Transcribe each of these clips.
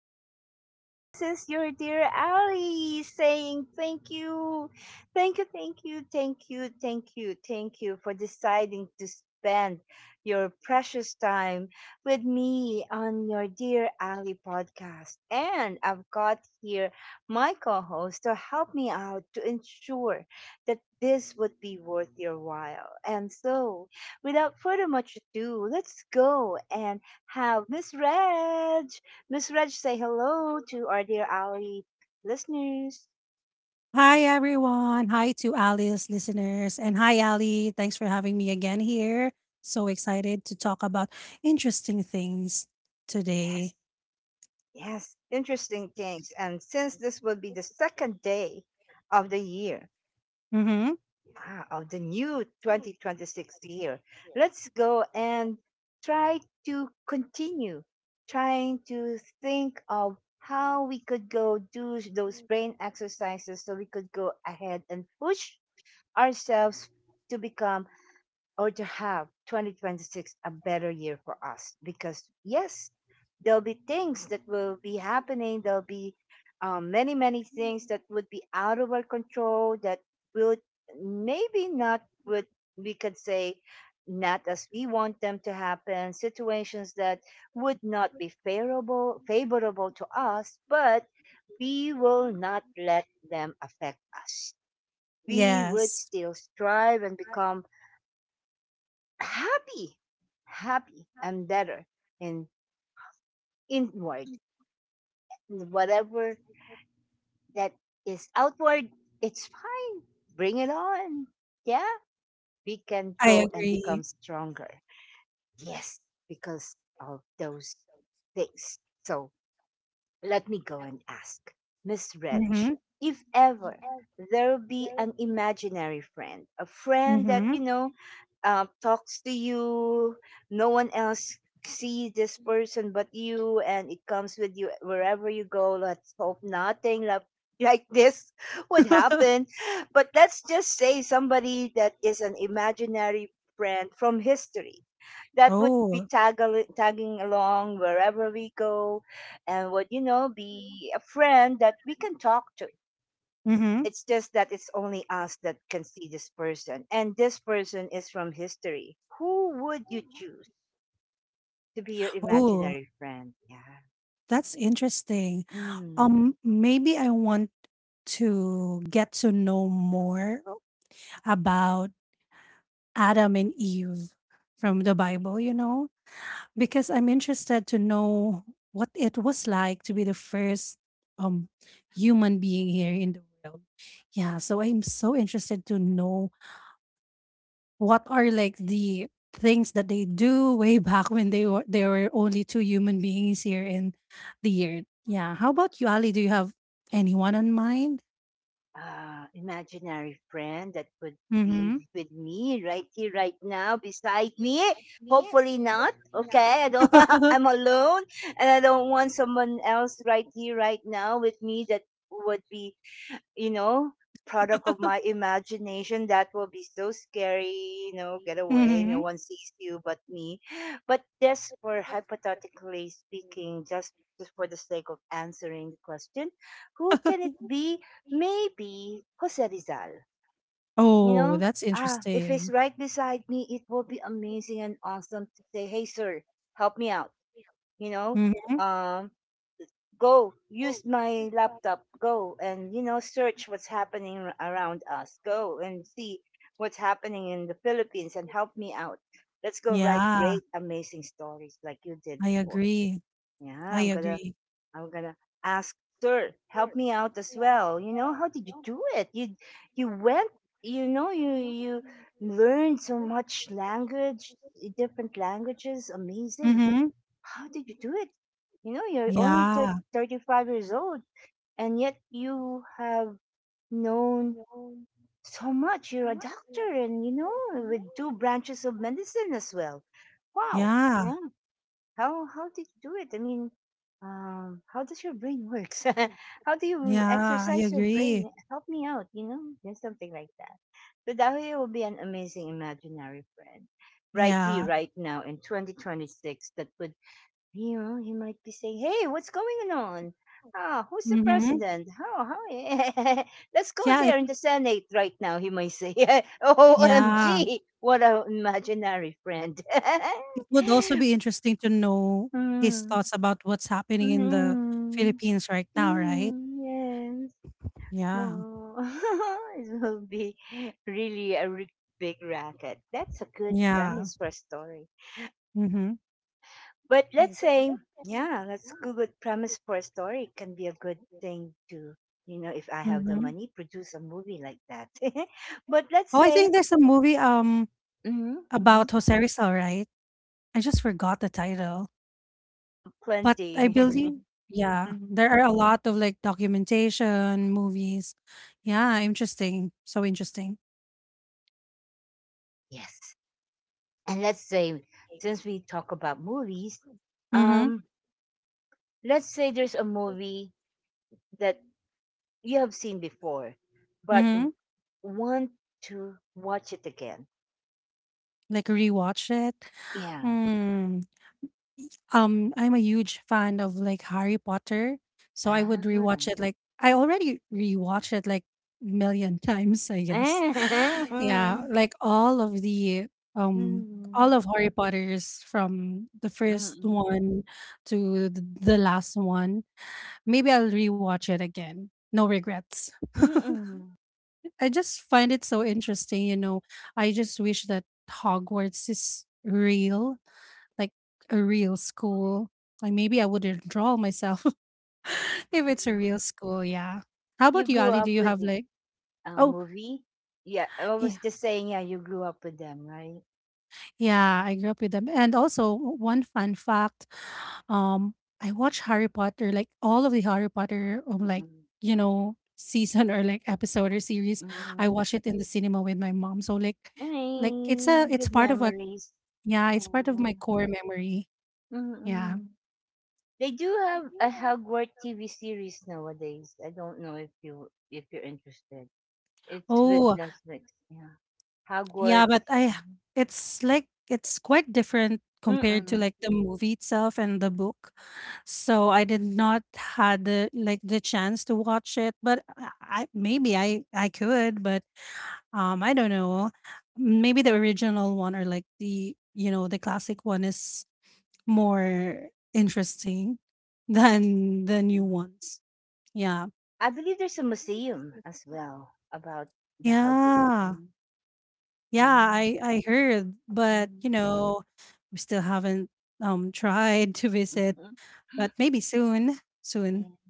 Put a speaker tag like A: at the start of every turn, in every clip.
A: hey, this is your dear Ali saying thank you, thank you, thank you, thank you, thank you, thank you for deciding to spend your precious time with me on your Dear Ali podcast. And I've got here my co host to help me out to ensure that this would be worth your while. And so, without further much ado, let's go and have Miss Reg. Miss Reg, say hello to our dear Ali listeners.
B: Hi, everyone. Hi to Ali's listeners. And hi, Ali. Thanks for having me again here. So excited to talk about interesting things
A: Yes,
B: today.
A: yes, interesting things. And since this will be the second day of the year,
B: Mm-hmm.
A: ah, of the new 2026 year, let's go and try to continue trying to think of how we could go do those brain exercises so we could go ahead and push ourselves to become or to have 2026 a better year for us. Because yes, there'll be things that will be happening, there'll be many many things that would be out of our control that will maybe not would, we could say, not as we want them to happen, situations that would not be favorable to us, but we will not let them affect us. We would
B: Yes,
A: still strive and become happy, happy and better and inward. And whatever that is outward, it's fine. Bring it on. Yeah, we can
B: I
A: go and become
B: agree.
A: stronger. Yes, because of those things. So let me go and ask, Miss Reg,
B: Mm-hmm.
A: if ever there'll be an imaginary friend, a friend that,
B: Mm-hmm.
A: you know, talks to you, no one else sees this person but you, and it comes with you wherever you go. Let's hope nothing like, like this would happen. But let's just say somebody that is an imaginary friend from history that would be
B: Oh,
A: tagging along wherever we go, and would, you know, be a friend that we can talk to.
B: mm-hmm.
A: It's just that it's only us that can see this person, and this person is from history. Who would you choose to be your
B: Oh,
A: imaginary friend? Yeah.
B: that's interesting.
A: Mm.
B: Maybe I want to get to know more about Adam and Eve from the Bible, because I'm interested to know what it was like to be the first um human being here in the world. Yeah, so I'm so interested to know what are like the things that they do way back when they were there were only two human beings here in the earth. Yeah, how about you, Ali? Do you have anyone on mind?
A: Imaginary friend that would be
B: Mm-hmm.
A: with me right here right now beside me? Hopefully not. Okay, I don't I'm alone, and I don't want someone else right here right now with me that would be, you know, product of my imagination. That will be so scary, you know, get away.
B: Mm-hmm.
A: No one sees you but me. But just for hypothetically speaking, just for the sake of answering the question, who can it be? Maybe Jose Rizal. You
B: Oh,
A: know,
B: that's
A: ah, if he's
B: interesting.
A: right beside me, it will be amazing and awesome to say, "Hey, sir, help me out." You know,
B: Mm-hmm.
A: um, go use my laptop, go and, you know, search what's happening around us, go and see what's happening in the Philippines and help me out. Let's go write
B: Yeah,
A: great amazing stories like you did
B: I
A: before.
B: agree.
A: Yeah,
B: I
A: i'm gonna
B: agree.
A: i'm gonna ask, sir, help me out as well. You know, how did you do it? You went, you know, you learned so much language, different languages, amazing.
B: Mhm.
A: How did you do it? You know, you're only
B: Yeah,
A: 35 years old, and yet you have known so much. You're a doctor, and you know, with two branches of medicine as well. Wow.
B: yeah,
A: Yeah. How did you do it? I mean, how does your brain works? How do you
B: yeah, I
A: exercise your
B: agree.
A: brain? Help me out, you know, just something like that. So Dahoy will be an amazing imaginary friend right here,
B: Yeah.
A: right now in 2026 that could, you know, he might be saying, "Hey, what's going on? Ah, who's the
B: Mhm.
A: president? How? How? Let's go
B: Yeah, it
A: there in the Senate right now." He might say,
B: yeah.
A: "OMG, what a imaginary friend."
B: It would also be interesting to know his
A: Mm.
B: thoughts about what's happening in the
A: Mm.
B: Philippines right now, right?
A: Mm, yes.
B: Yeah.
A: Oh, it will be really a big racket. That's a good
B: Yeah.
A: premise for a story.
B: Mhm.
A: But
B: I
A: let's say, yeah, let's Google premise for a story, can be a good thing to, you know, if I have the
B: Mhm.
A: money, produce a movie like that. But let's
B: Oh, I
A: say,
B: think there's a movie
A: mm-hmm, mm-hmm,
B: about Jose Rizal, right? I just forgot the title.
A: oh,
B: But
A: plenty.
B: I believe, yeah,
A: Hmm.
B: there are a lot of, like, documentation, movies. Yeah, interesting, so interesting.
A: Yes. And let's say, since we talk about movies,
B: Mhm,
A: um, let's say there's a movie that you have seen before, but
B: mhm,
A: want to watch it again.
B: like, rewatch it.
A: Yeah.
B: Mm, I'm a huge fan of, like, Harry Potter, so I would rewatch it, like I already rewatched it, like, million times, I guess. Yeah,
A: Ah.
B: like, um all
A: Mhm.
B: of Harry Potters from the first
A: Mm.
B: one to th the last one. Maybe I'll rewatch it again. No regrets.
A: Mm.
B: I just find it so interesting. I just wish that Hogwarts is real, like a real school. Like maybe I would enroll myself if it's a
A: Yeah.
B: real school, yeah. How about
A: You
B: you,
A: grew
B: Ali? Do
A: up
B: you
A: with
B: have
A: the,
B: like? Oh,
A: movie? Yeah, I
B: yeah.
A: was just saying, yeah, you grew up with them, right?
B: Yeah, I grew up with them. And also, one fun fact, um, I watch Harry Potter, like all of the Harry Potter, like,
A: Mm-mm.
B: season or like episode or series. I
A: Mm.
B: watch it in the cinema with my mom. So like
A: Ay,
B: it's
A: good
B: part of a,
A: memories.
B: yeah, it's part of my
A: Mm.
B: core memory. Yeah.
A: Mm-mm. They do have a Hogwarts TV series nowadays. I don't know if you if you're interested. It's with
B: Oh,
A: Netflix. Yeah,
B: yeah,
A: Hogwarts.
B: but I it's like it's quite different compared to
A: Mm-mm.
B: like the movie itself and the book. So I did not had the chance to watch it, but maybe I could, but I don't know. Maybe the original one or like the you know the classic one is more interesting than the new
A: Mm-mm.
B: ones. Yeah.
A: I believe there's a museum as well about the Hogwarts.
B: Yeah.
A: Mhm.
B: Yeah,
A: Mm,
B: I heard, but,
A: mhm.
B: we still haven't, tried to visit,
A: Mhm.
B: but maybe soon, soon.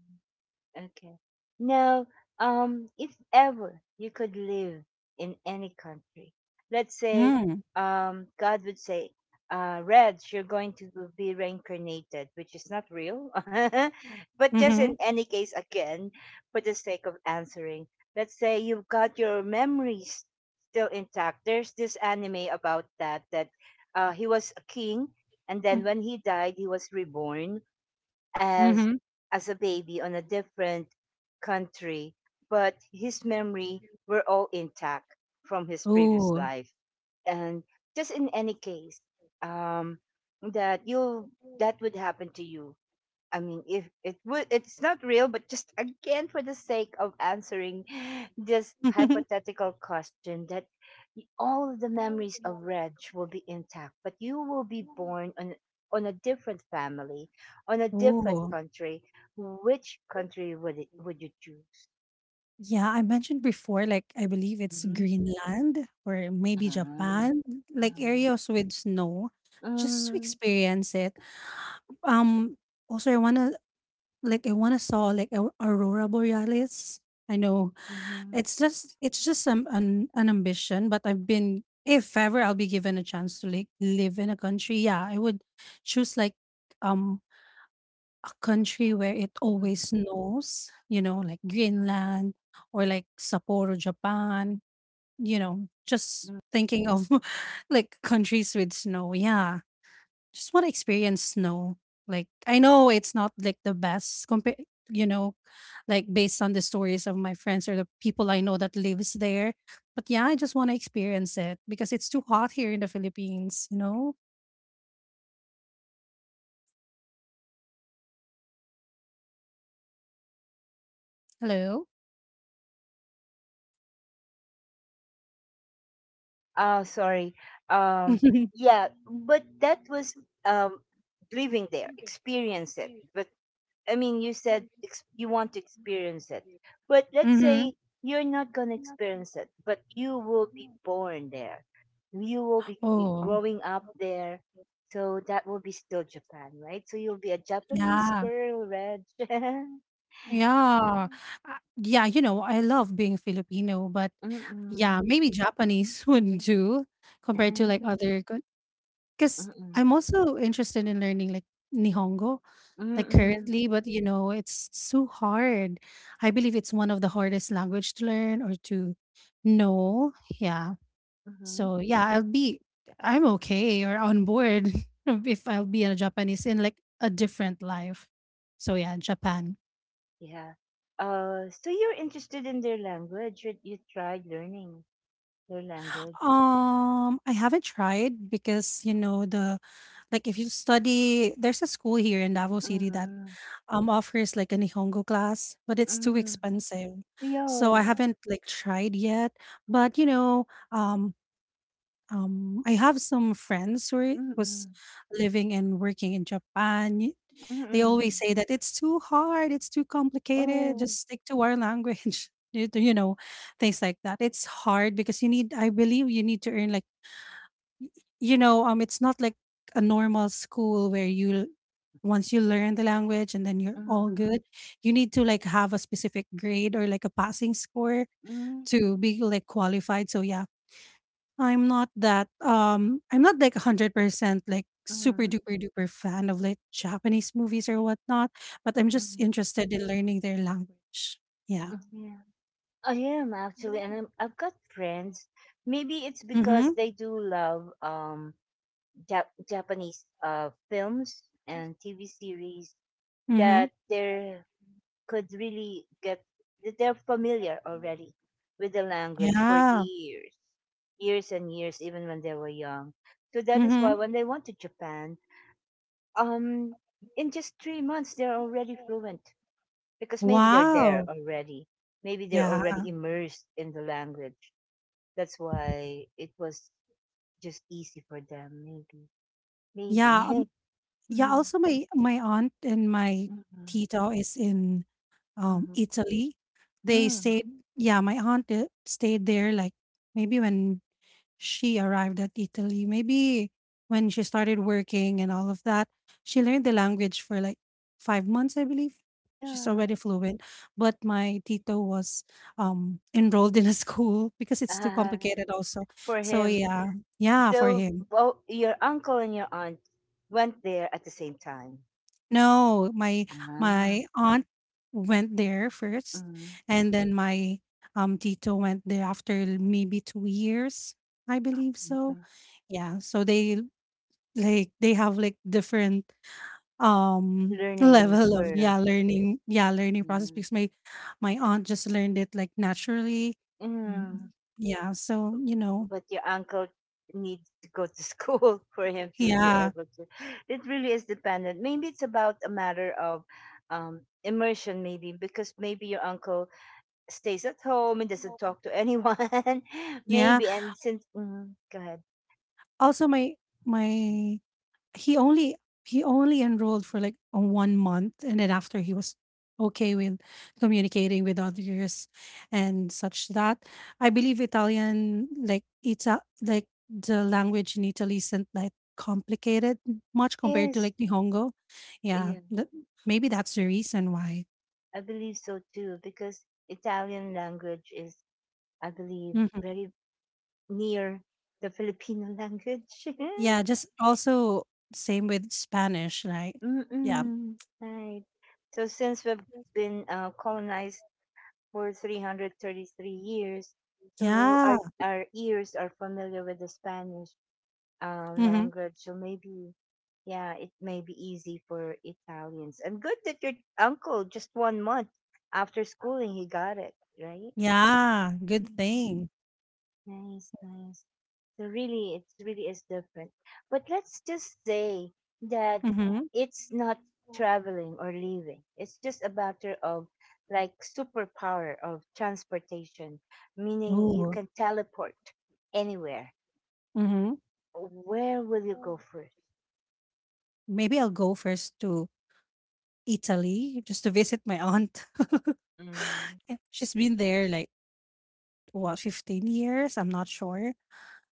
A: Okay. Now, if ever you could live in any country, let's say,
B: Mm,
A: God would say, Reds, you're going to be reincarnated, which is not real. But just in
B: mhm,
A: any case, again, for the sake of answering, let's say you've got your memories still intact. There's this anime about that, that, he was a king, and then
B: mhm,
A: when he died, he was reborn as
B: mhm.
A: a baby on a different country, but his memory were all intact from his previous
B: Ooh.
A: life. And just in any case, um, that you that would happen to you. I mean, if it would, it's not real, but just again for the sake of answering this hypothetical question, that all of the memories of Reg will be intact, but you will be born on a different family, on a different
B: Ooh.
A: country. Which country would it would you choose?
B: Yeah, I mentioned before, like, I believe it's
A: Mm-hmm.
B: Greenland or maybe
A: Uh-huh.
B: Japan, like,
A: uh
B: areas with snow just to experience it. Um, also, I wanna I wanna saw, like, a aurora borealis. I know.
A: uh,
B: It's just an ambition, but I've been if ever I'll be given a chance to like live in a country, yeah, I would choose like um a country where it
A: Mm-hmm.
B: always snows, like Greenland or like Sapporo, Japan, just thinking of like countries with snow. Yeah, just want to experience snow. Like I know it's not like the best you know, like based on the stories of my friends or the people I know that lives there. But yeah, I just want to experience it because it's too hot here in the Philippines, you know? Hello?
A: Oh, sorry. Um, yeah, but that was, um, living there, experience it. But I mean, you said you want to experience it. But let's
B: hmm
A: say you're not going to experience it, but you will be born there. You will be
B: Oh,
A: growing up there. So that will be still Japan, right? So you'll be a Japanese
B: yeah.
A: girl, Reg.
B: Yeah. Yeah, I love being Filipino, but yeah,
A: Mm-mm.
B: maybe Japanese would do compared to like
A: Mm-mm.
B: other. 'Cause I'm also interested in learning, like, Nihongo, like,
A: Mm-mm.
B: currently, but, it's so hard. I believe it's one of the hardest language to learn or to know, yeah.
A: Mm-mm.
B: So, yeah, I'm okay or on board if I'll be a Japanese in, like, a different life. So, yeah, Japan.
A: Yeah. So you're interested in their language. You tried learning their language.
B: I haven't tried because, the like, if you study there's a school here in Davao City that
A: Mm-hmm.
B: offers like a Nihongo class, but it's too
A: Mm-hmm.
B: expensive. So I
A: Yeah.
B: haven't like tried yet. But I have some friends who
A: Mm-hmm.
B: was living and working in Japan. They
A: Mm-hmm.
B: always say that it's too hard, it's too
A: Oh.
B: complicated, just stick to our language. Things like that. It's hard because you need I believe you need to earn like y- it's not like a normal school where you once you learn the language and then you're all
A: Mm-hmm.
B: good. You need to like have a specific grade or like a passing score
A: Mm-hmm.
B: to be like qualified. So yeah, I'm not like 100% like super
A: Mm-hmm.
B: duper duper fan of like Japanese movies or whatnot, but I'm just
A: Mm-hmm.
B: interested in learning their language. Yeah.
A: Yeah. I am actually, and I've got friends. Maybe it's because
B: Mhm.
A: they do love Japanese films and TV series
B: Mhm.
A: that they're could really get they're familiar already with the language for
B: Yeah.
A: years, years and years, even when they were young. So that is why
B: Mhm.
A: when they went to Japan, um, in just 3 months they're already fluent, because maybe they're there
B: Wow.
A: already, maybe they're
B: Yeah.
A: already immersed in the language. That's why it was just easy for them, maybe, maybe.
B: Yeah. Yeah,
A: Mm-hmm.
B: also my aunt and my
A: Mm-hmm.
B: tito is in
A: Mm-hmm.
B: Italy. They
A: Mm.
B: stayed yeah, my aunt, stayed there like maybe when she arrived at Italy, maybe when she started working and all of that. She learned the language for like 5 months, I believe. She's already
A: Yeah.
B: fluent, but my tito was enrolled in a school because it's too complicated also.
A: For
B: So
A: him.
B: yeah, yeah, for
A: So
B: him.
A: both your uncle and your aunt went there at the same time.
B: No, my
A: Ah,
B: my aunt went there first,
A: mm,
B: and then my tito went there after maybe 2 years, I believe so.
A: mm,
B: Yeah, so they like they have like different
A: learning
B: level of
A: curve.
B: learning process
A: Mm,
B: because my aunt just learned it like naturally.
A: mm.
B: Mm, yeah, so
A: But your uncle needs to go to school for him to be
B: yeah,
A: able to. It really is dependent. Maybe it's about a matter of, immersion, maybe because maybe your uncle stays at home and doesn't talk to anyone.
B: yeah.
A: Maybe, and since mm, go ahead.
B: Also my he only he only enrolled for like a one month and then after he was okay with communicating with others and such that I believe Italian, like, like the language in Italy isn't like complicated much compared to
A: Yes.
B: like Nihongo, yeah, maybe that's the reason why.
A: I believe so too, because Italian language is, I believe,
B: Hmm,
A: very near the Filipino language.
B: yeah, just also same with Spanish, right? Yeah,
A: Mm-mm. Right. So since we've been, colonized for 333 years, so
B: yeah.
A: our ears are familiar with the Spanish,
B: Hmm,
A: language. So maybe, yeah, it may be easy for Italians. And good that your uncle, just 1 month after schooling, he got it right.
B: yeah, good thing.
A: Nice, nice. So really, it really is different. But let's just say that
B: Mm-hmm.
A: it's not traveling or leaving. It's just a matter of like superpower of transportation, meaning you
B: Ooh.
A: can teleport anywhere.
B: hmm
A: Where will you go first?
B: Maybe I'll go first to Italy just to visit my aunt.
A: Mm-mm.
B: She's been there like what 15 years, I'm not sure.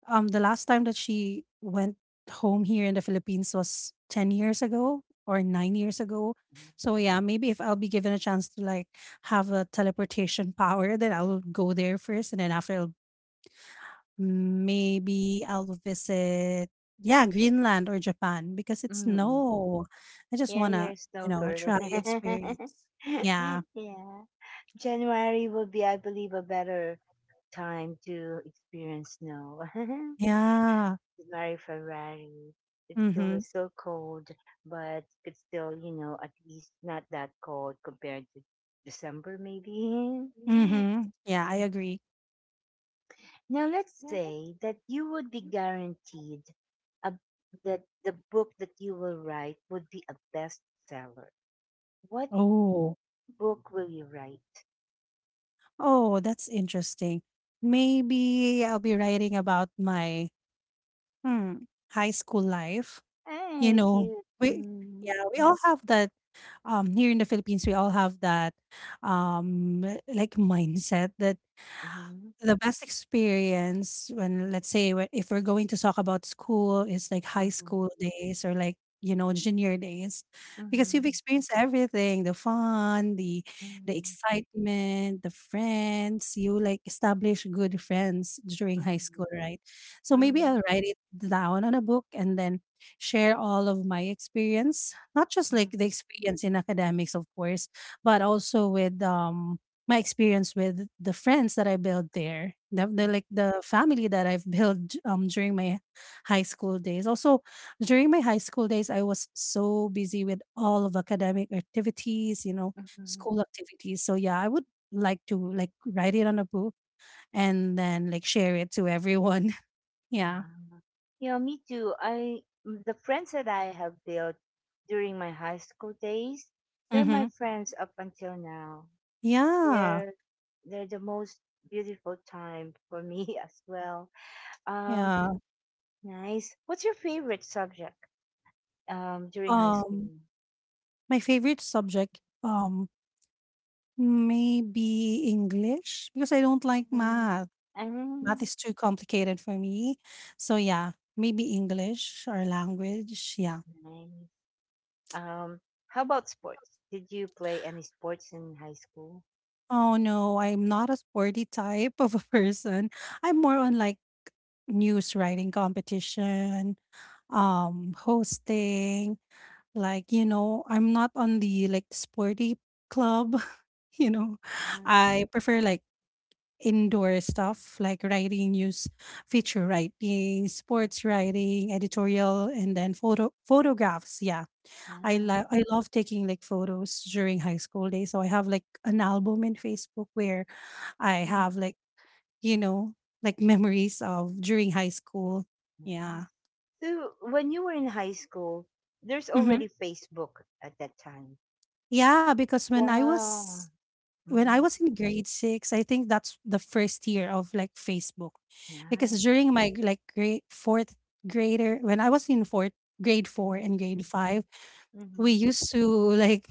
B: The last time that she went home here in the Philippines was 10 years ago or 9 years ago. So yeah, maybe if I'll be given a chance to like have a teleportation power, then I'll go there first, and then after I'll maybe I'll visit, yeah, Greenland or Japan because it's
A: Mm-mm.
B: snow. I just
A: Yeah, you're
B: wanna,
A: a snow girl.
B: try experience. Yeah.
A: Yeah. January will be, I believe, a better time to experience snow.
B: Yeah.
A: It's very Ferrari. It's still
B: Mhm.
A: is so cold, but it's still, you know, at least not that cold compared to December, maybe.
B: Mhm. Yeah, I
A: Mhm.
B: agree.
A: Now, let's say that you would be guaranteed a, that the book that you will write would be a bestseller. What
B: Oh.
A: book will you write?
B: Oh, that's interesting. Maybe I'll be writing about my hmm, high school life. You
A: Hey,
B: know,
A: cute.
B: we
A: Mm-hmm.
B: yeah, we all have that here in the Philippines, we all have that um like mindset that
A: Mm-hmm.
B: the best experience, when, let's say, we, if we're going to talk about school, is like high school days or like, junior days, because you've
A: Mm-hmm.
B: experienced everything, the fun, the
A: Mm-hmm.
B: excitement, the friends, you like establish good friends during high
A: Mm-hmm. Mm-hmm.
B: school, right? So maybe
A: Mm-hmm.
B: I'll write it down on a book and then share all of my experience, not just like the experience in academics, of course, but also with my experience with the friends that I built there, the, the
A: Mm-hmm.
B: like the family that I've built during my high school days. Also, during my high school days, I was so busy with all of academic activities,
A: Mm-hmm.
B: school activities. So yeah, I would like to like write it on a book and then like share it to everyone. Yeah.
A: Ah. Yeah, me too. The friends that I have built during my high school days, they're my
B: Mm-hmm.
A: friends up until now.
B: Yeah.
A: They're they're the most beautiful time for me as well. Um,
B: Yeah.
A: nice. What's your favorite subject during high
B: Um,
A: school?
B: my favorite subject, maybe English, because I don't like
A: Mm,
B: math. Math
A: um,
B: is too complicated for me. So yeah, maybe English or language. Yeah.
A: nice. Um, how about sports? Did you play any sports in high school?
B: Oh no, I'm not a sporty type of a person. I'm more on like news writing competition, hosting, like, I'm not on the like sporty club, you know.
A: Ah,
B: I prefer like indoor stuff, like writing news, feature writing,
A: yeah.
B: sports writing, editorial, and then photographs. Yeah, I
A: Yeah.
B: love I love taking like photos during high school days. So I have like an album in Facebook where I
A: Mm.
B: have you know, like memories of during high school.
A: Mhm.
B: Yeah.
A: So when you were in high school, there's
B: hmm
A: already Facebook at that time.
B: Yeah, because
A: Wow.
B: when I
A: Hmm.
B: was in grade six, I think that's the first year of like Facebook. Because
A: Nice.
B: during my like grade fourth grader, when I was in fourth grade four and
A: Mm-hmm.
B: grade five,
A: Mm-hmm.
B: we used to like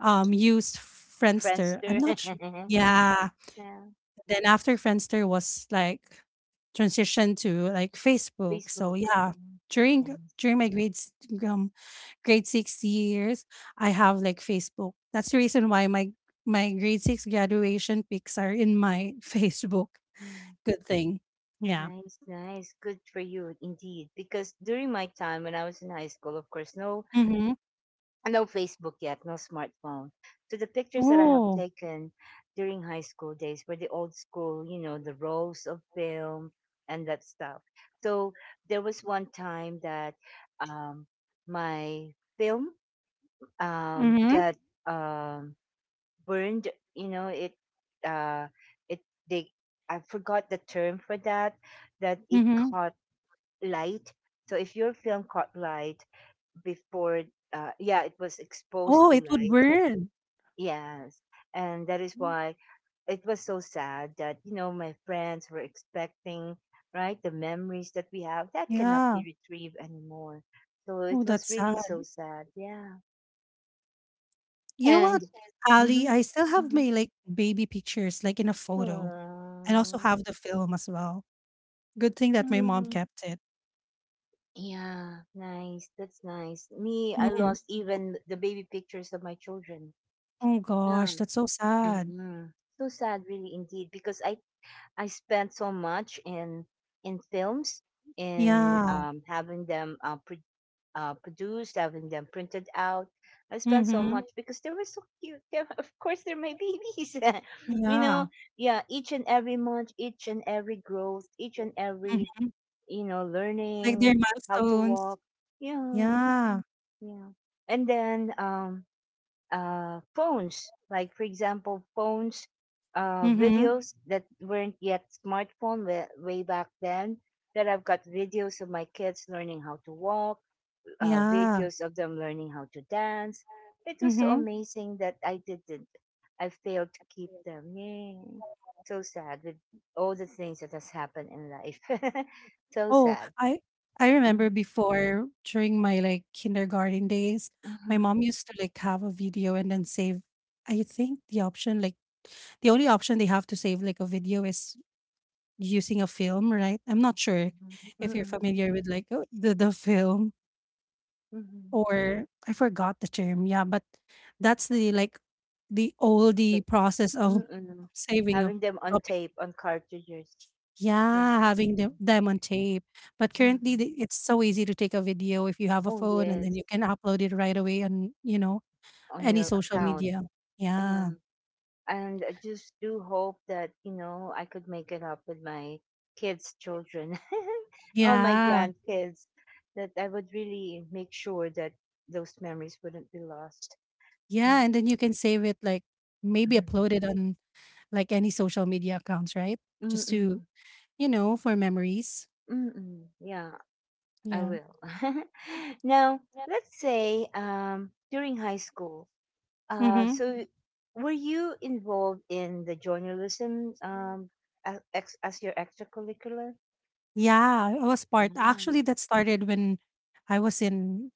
B: use Friendster. I'm
A: Friendster.
B: not sure. Yeah.
A: Yeah.
B: Then after Friendster was like transitioned to like Facebook. So
A: Facebook.
B: yeah,
A: Mm.
B: during
A: Nice.
B: during my um grade six years, I have like Facebook. That's the reason why my grade six graduation pics are in my Facebook.
A: Mm.
B: Good thing. Yeah.
A: Nice, nice. Good for you indeed. Because during my time when I was in high school, of course, no
B: Mm-hmm.
A: uh, no Facebook yet, no smartphone. So the pictures that I have
B: Oh.
A: taken during high school days were the old school, you know, the rolls of film and that stuff. So there was one time that um, my film
B: Mm-hmm.
A: got um, burned. You know, it uh, it they I forgot the term for that. That it
B: Mm-hmm.
A: caught light. So if your film caught light before, yeah, it was
B: Oh,
A: exposed to
B: it would
A: light.
B: burn.
A: Yes. And that is why it was so sad that, you know, my friends were expecting, right, the memories that we have that cannot
B: Yeah.
A: be retrieved anymore. So
B: Oh,
A: it
B: that's
A: was really
B: sad.
A: so sad. Yeah.
B: You know
A: And,
B: what,
A: mm-hmm,
B: Ali? I still have
A: mm-hmm.
B: my baby pictures, like in a photo. And also have the film as well. Good thing that my mom
A: Mm-hmm.
B: kept it.
A: Yeah, nice. That's nice. Me, I
B: Mhm.
A: lost even the baby pictures of my children.
B: Oh
A: Yeah.
B: gosh, that's so sad.
A: Mm-mm. So sad, really, indeed, because I spent so much in films, in
B: Yeah.
A: having them produced, having them printed out. I spent so
B: Mhm.
A: much because they were so cute. Of course, they're my babies. You know,
B: Yeah.
A: yeah. Each and every month, each and every growth, each and every,
B: Mhm.
A: you know,
B: Like
A: learning
B: their
A: how to
B: milestones.
A: walk. Yeah,
B: Yeah.
A: yeah. And then phones. Like for example, phones,
B: Mhm.
A: videos that weren't yet smartphone way, way back then. That I've got videos of my kids learning how to walk,
B: Yeah.
A: videos of them learning how to dance. It was so
B: Mhm.
A: amazing that I didn't. I failed to keep them. Yay! So sad with all the things that has happened in life. So
B: Oh,
A: sad.
B: I I
A: Mm-hmm,
B: remember before during my kindergarten days, my
A: mm-hmm,
B: mom used to have a video and then save I think the option the only option they have to save like a video is using a film, right? I'm not sure
A: mm-hmm,
B: if you're
A: mm-hmm,
B: familiar with like the film
A: mm-hmm.
B: or I forgot the term. Yeah, but that's the the oldie process of
A: Mm-mm.
B: saving a
A: Having them on
B: topic.
A: tape, on cartridges. Yeah.
B: Yeah, having them on tape. But currently,
A: Mm-mm.
B: it's so easy to take a video if you have a
A: Oh,
B: phone, and then
A: yes.
B: you can upload it right away on you know
A: On
B: any
A: your
B: social
A: account.
B: media.
A: Yeah.
B: Yeah,
A: And I just do hope that, you know, I could make it up with my kids' children, on my
B: yeah,
A: grandkids, that I would really make sure that those memories wouldn't be lost.
B: yeah,
A: Yeah.
B: and then you can save it like maybe
A: Mhm.
B: upload it on like any social media accounts, right? Just to
A: Mm-mm.
B: you know, for memories.
A: Mm-mm. Yeah, I
B: Yeah.
A: will. Now, let's say, during high school, Uh,
B: Mhm.
A: so, were you involved in the journalism as, as your extracurricular?
B: Yeah, I was part
A: Yeah.
B: actually, that started when I was in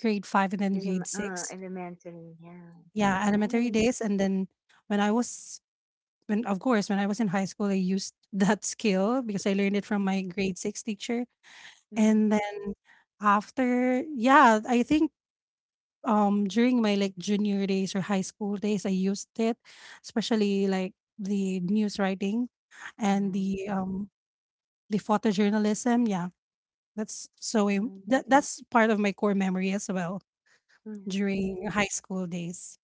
B: grade 5 and then grade 6.
A: Elementary, yeah.
B: Yeah, elementary
A: Nice.
B: days, and then when I was when of course, when I was in high school, I used that skill because I learned it from my grade 6 teacher, and
A: Mm.
B: then after yeah, I think, during my, like, junior days or high school days, I used it, especially, like, the news writing and
A: Nice,
B: the photojournalism. Yeah, that's so im-
A: nice,
B: that that's part of my core memory as well
A: nice.
B: during high school days.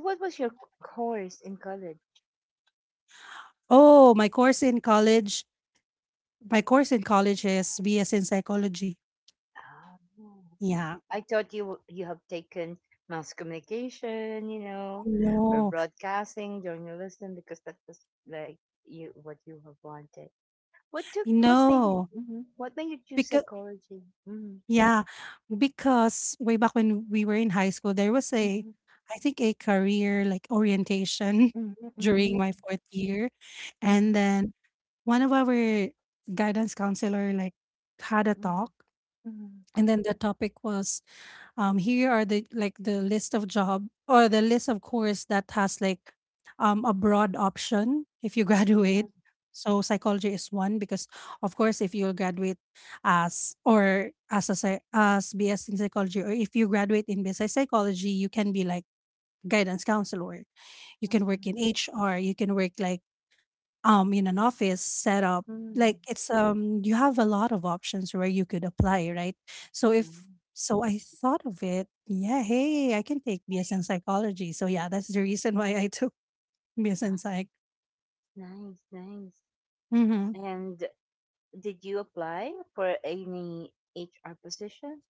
A: So, what was your course in college?
B: Oh, my course in college, my course in college is BS in psychology.
A: Oh,
B: Yeah.
A: I thought you have taken mass communication, you know, or
B: No,
A: broadcasting, journalism, because that was like you what you have wanted. What took what made you
B: no,
A: mhm, what made you choose
B: because
A: psychology? Mhm,
B: yeah, because way back when we were in high school, there was a,
A: mhm,
B: I think a career like orientation during
A: mhm,
B: my fourth year, and
A: mhm,
B: then one of our guidance counselor like had a
A: mhm,
B: talk
A: mhm, mhm.
B: and then the topic was here are the list of job or the list of course that has like a broad option if you graduate. So psychology is one because of course if you'll graduate as a as BS in psychology or if you graduate in business psychology you can be like guidance counselor, you can work in
A: Ah,
B: HR, you can work like in an office setup.
A: mhm,
B: Like
A: mhm,
B: it's you have a lot of options where you could apply, right? so if
A: mhm.
B: so I thought of it, yeah, hey I can take BSN psychology. So yeah, that's the reason why I took BSN psych.
A: Nice, nice.
B: Hmm.
A: And did you apply for any HR positions?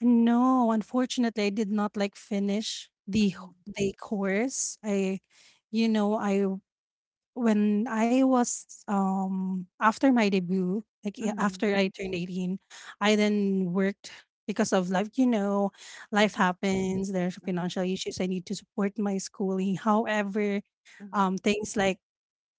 B: No, unfortunately I did not like finish
A: Mhm,
B: the course. I you know I when I was after my debut, like yeah,
A: mhm,
B: after I turned 18, I then worked because of life, you know, life
A: mhm,
B: happens, there's
A: mhm,
B: financial issues. I need to support my schooling. However,
A: mhm,
B: things like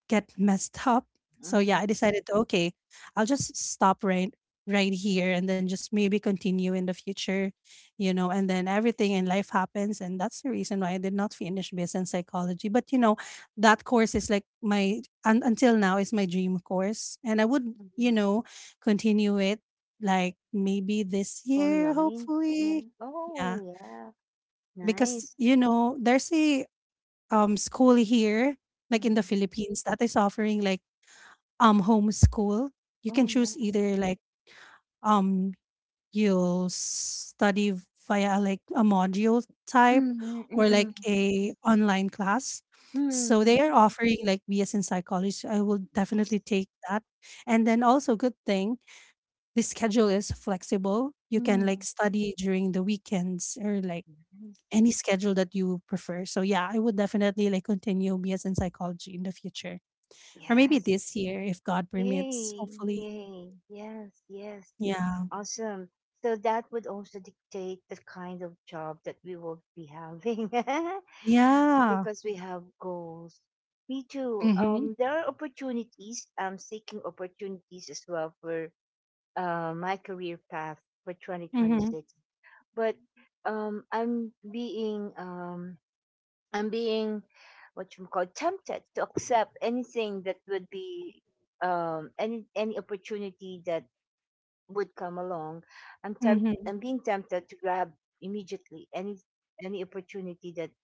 B: get messed up. So yeah, I
A: mhm,
B: decided, okay, I'll just stop right here and then just maybe continue in the future, you know, and then everything in life happens. And that's the reason why I did not finish business psychology. But you know, that course is until now is my dream course. And I would, you
A: mhm.
B: know, continue it like maybe this year,
A: Online?
B: hopefully.
A: Yeah.
B: Yeah.
A: Oh, yeah.
B: Because,
A: Nice.
B: you know, there's a school here, like in the
A: Mhm.
B: Philippines, that is offering like homeschool. You can
A: Oh,
B: choose
A: yeah.
B: either like um you'll study via like a module type or
A: Mm-mm-mm.
B: like a online class. So they
A: Mm.
B: are offering like BS in psychology. I will definitely
A: Nice.
B: take that. And then also good thing, the schedule is flexible. You can like
A: Mm,
B: study during the weekends or like
A: yes.
B: any schedule that you prefer. So yeah, I would definitely like continue BS in psychology in the future or maybe
A: Yes.
B: this year if God permits,
A: Yay.
B: hopefully.
A: Yay. Yes. Yes.
B: Yeah.
A: Awesome. So that would also dictate the kind of job that we will be having
B: Yeah.
A: because we have goals. Me too.
B: Mhm,
A: There are opportunities. I'm seeking opportunities as well for my career path for
B: mhm,
A: 2026. But um, I'm being um, I'm being what you call tempted to accept anything that would be any opportunity that would come along.
B: mhm,
A: I'm being tempted to grab immediately any opportunity that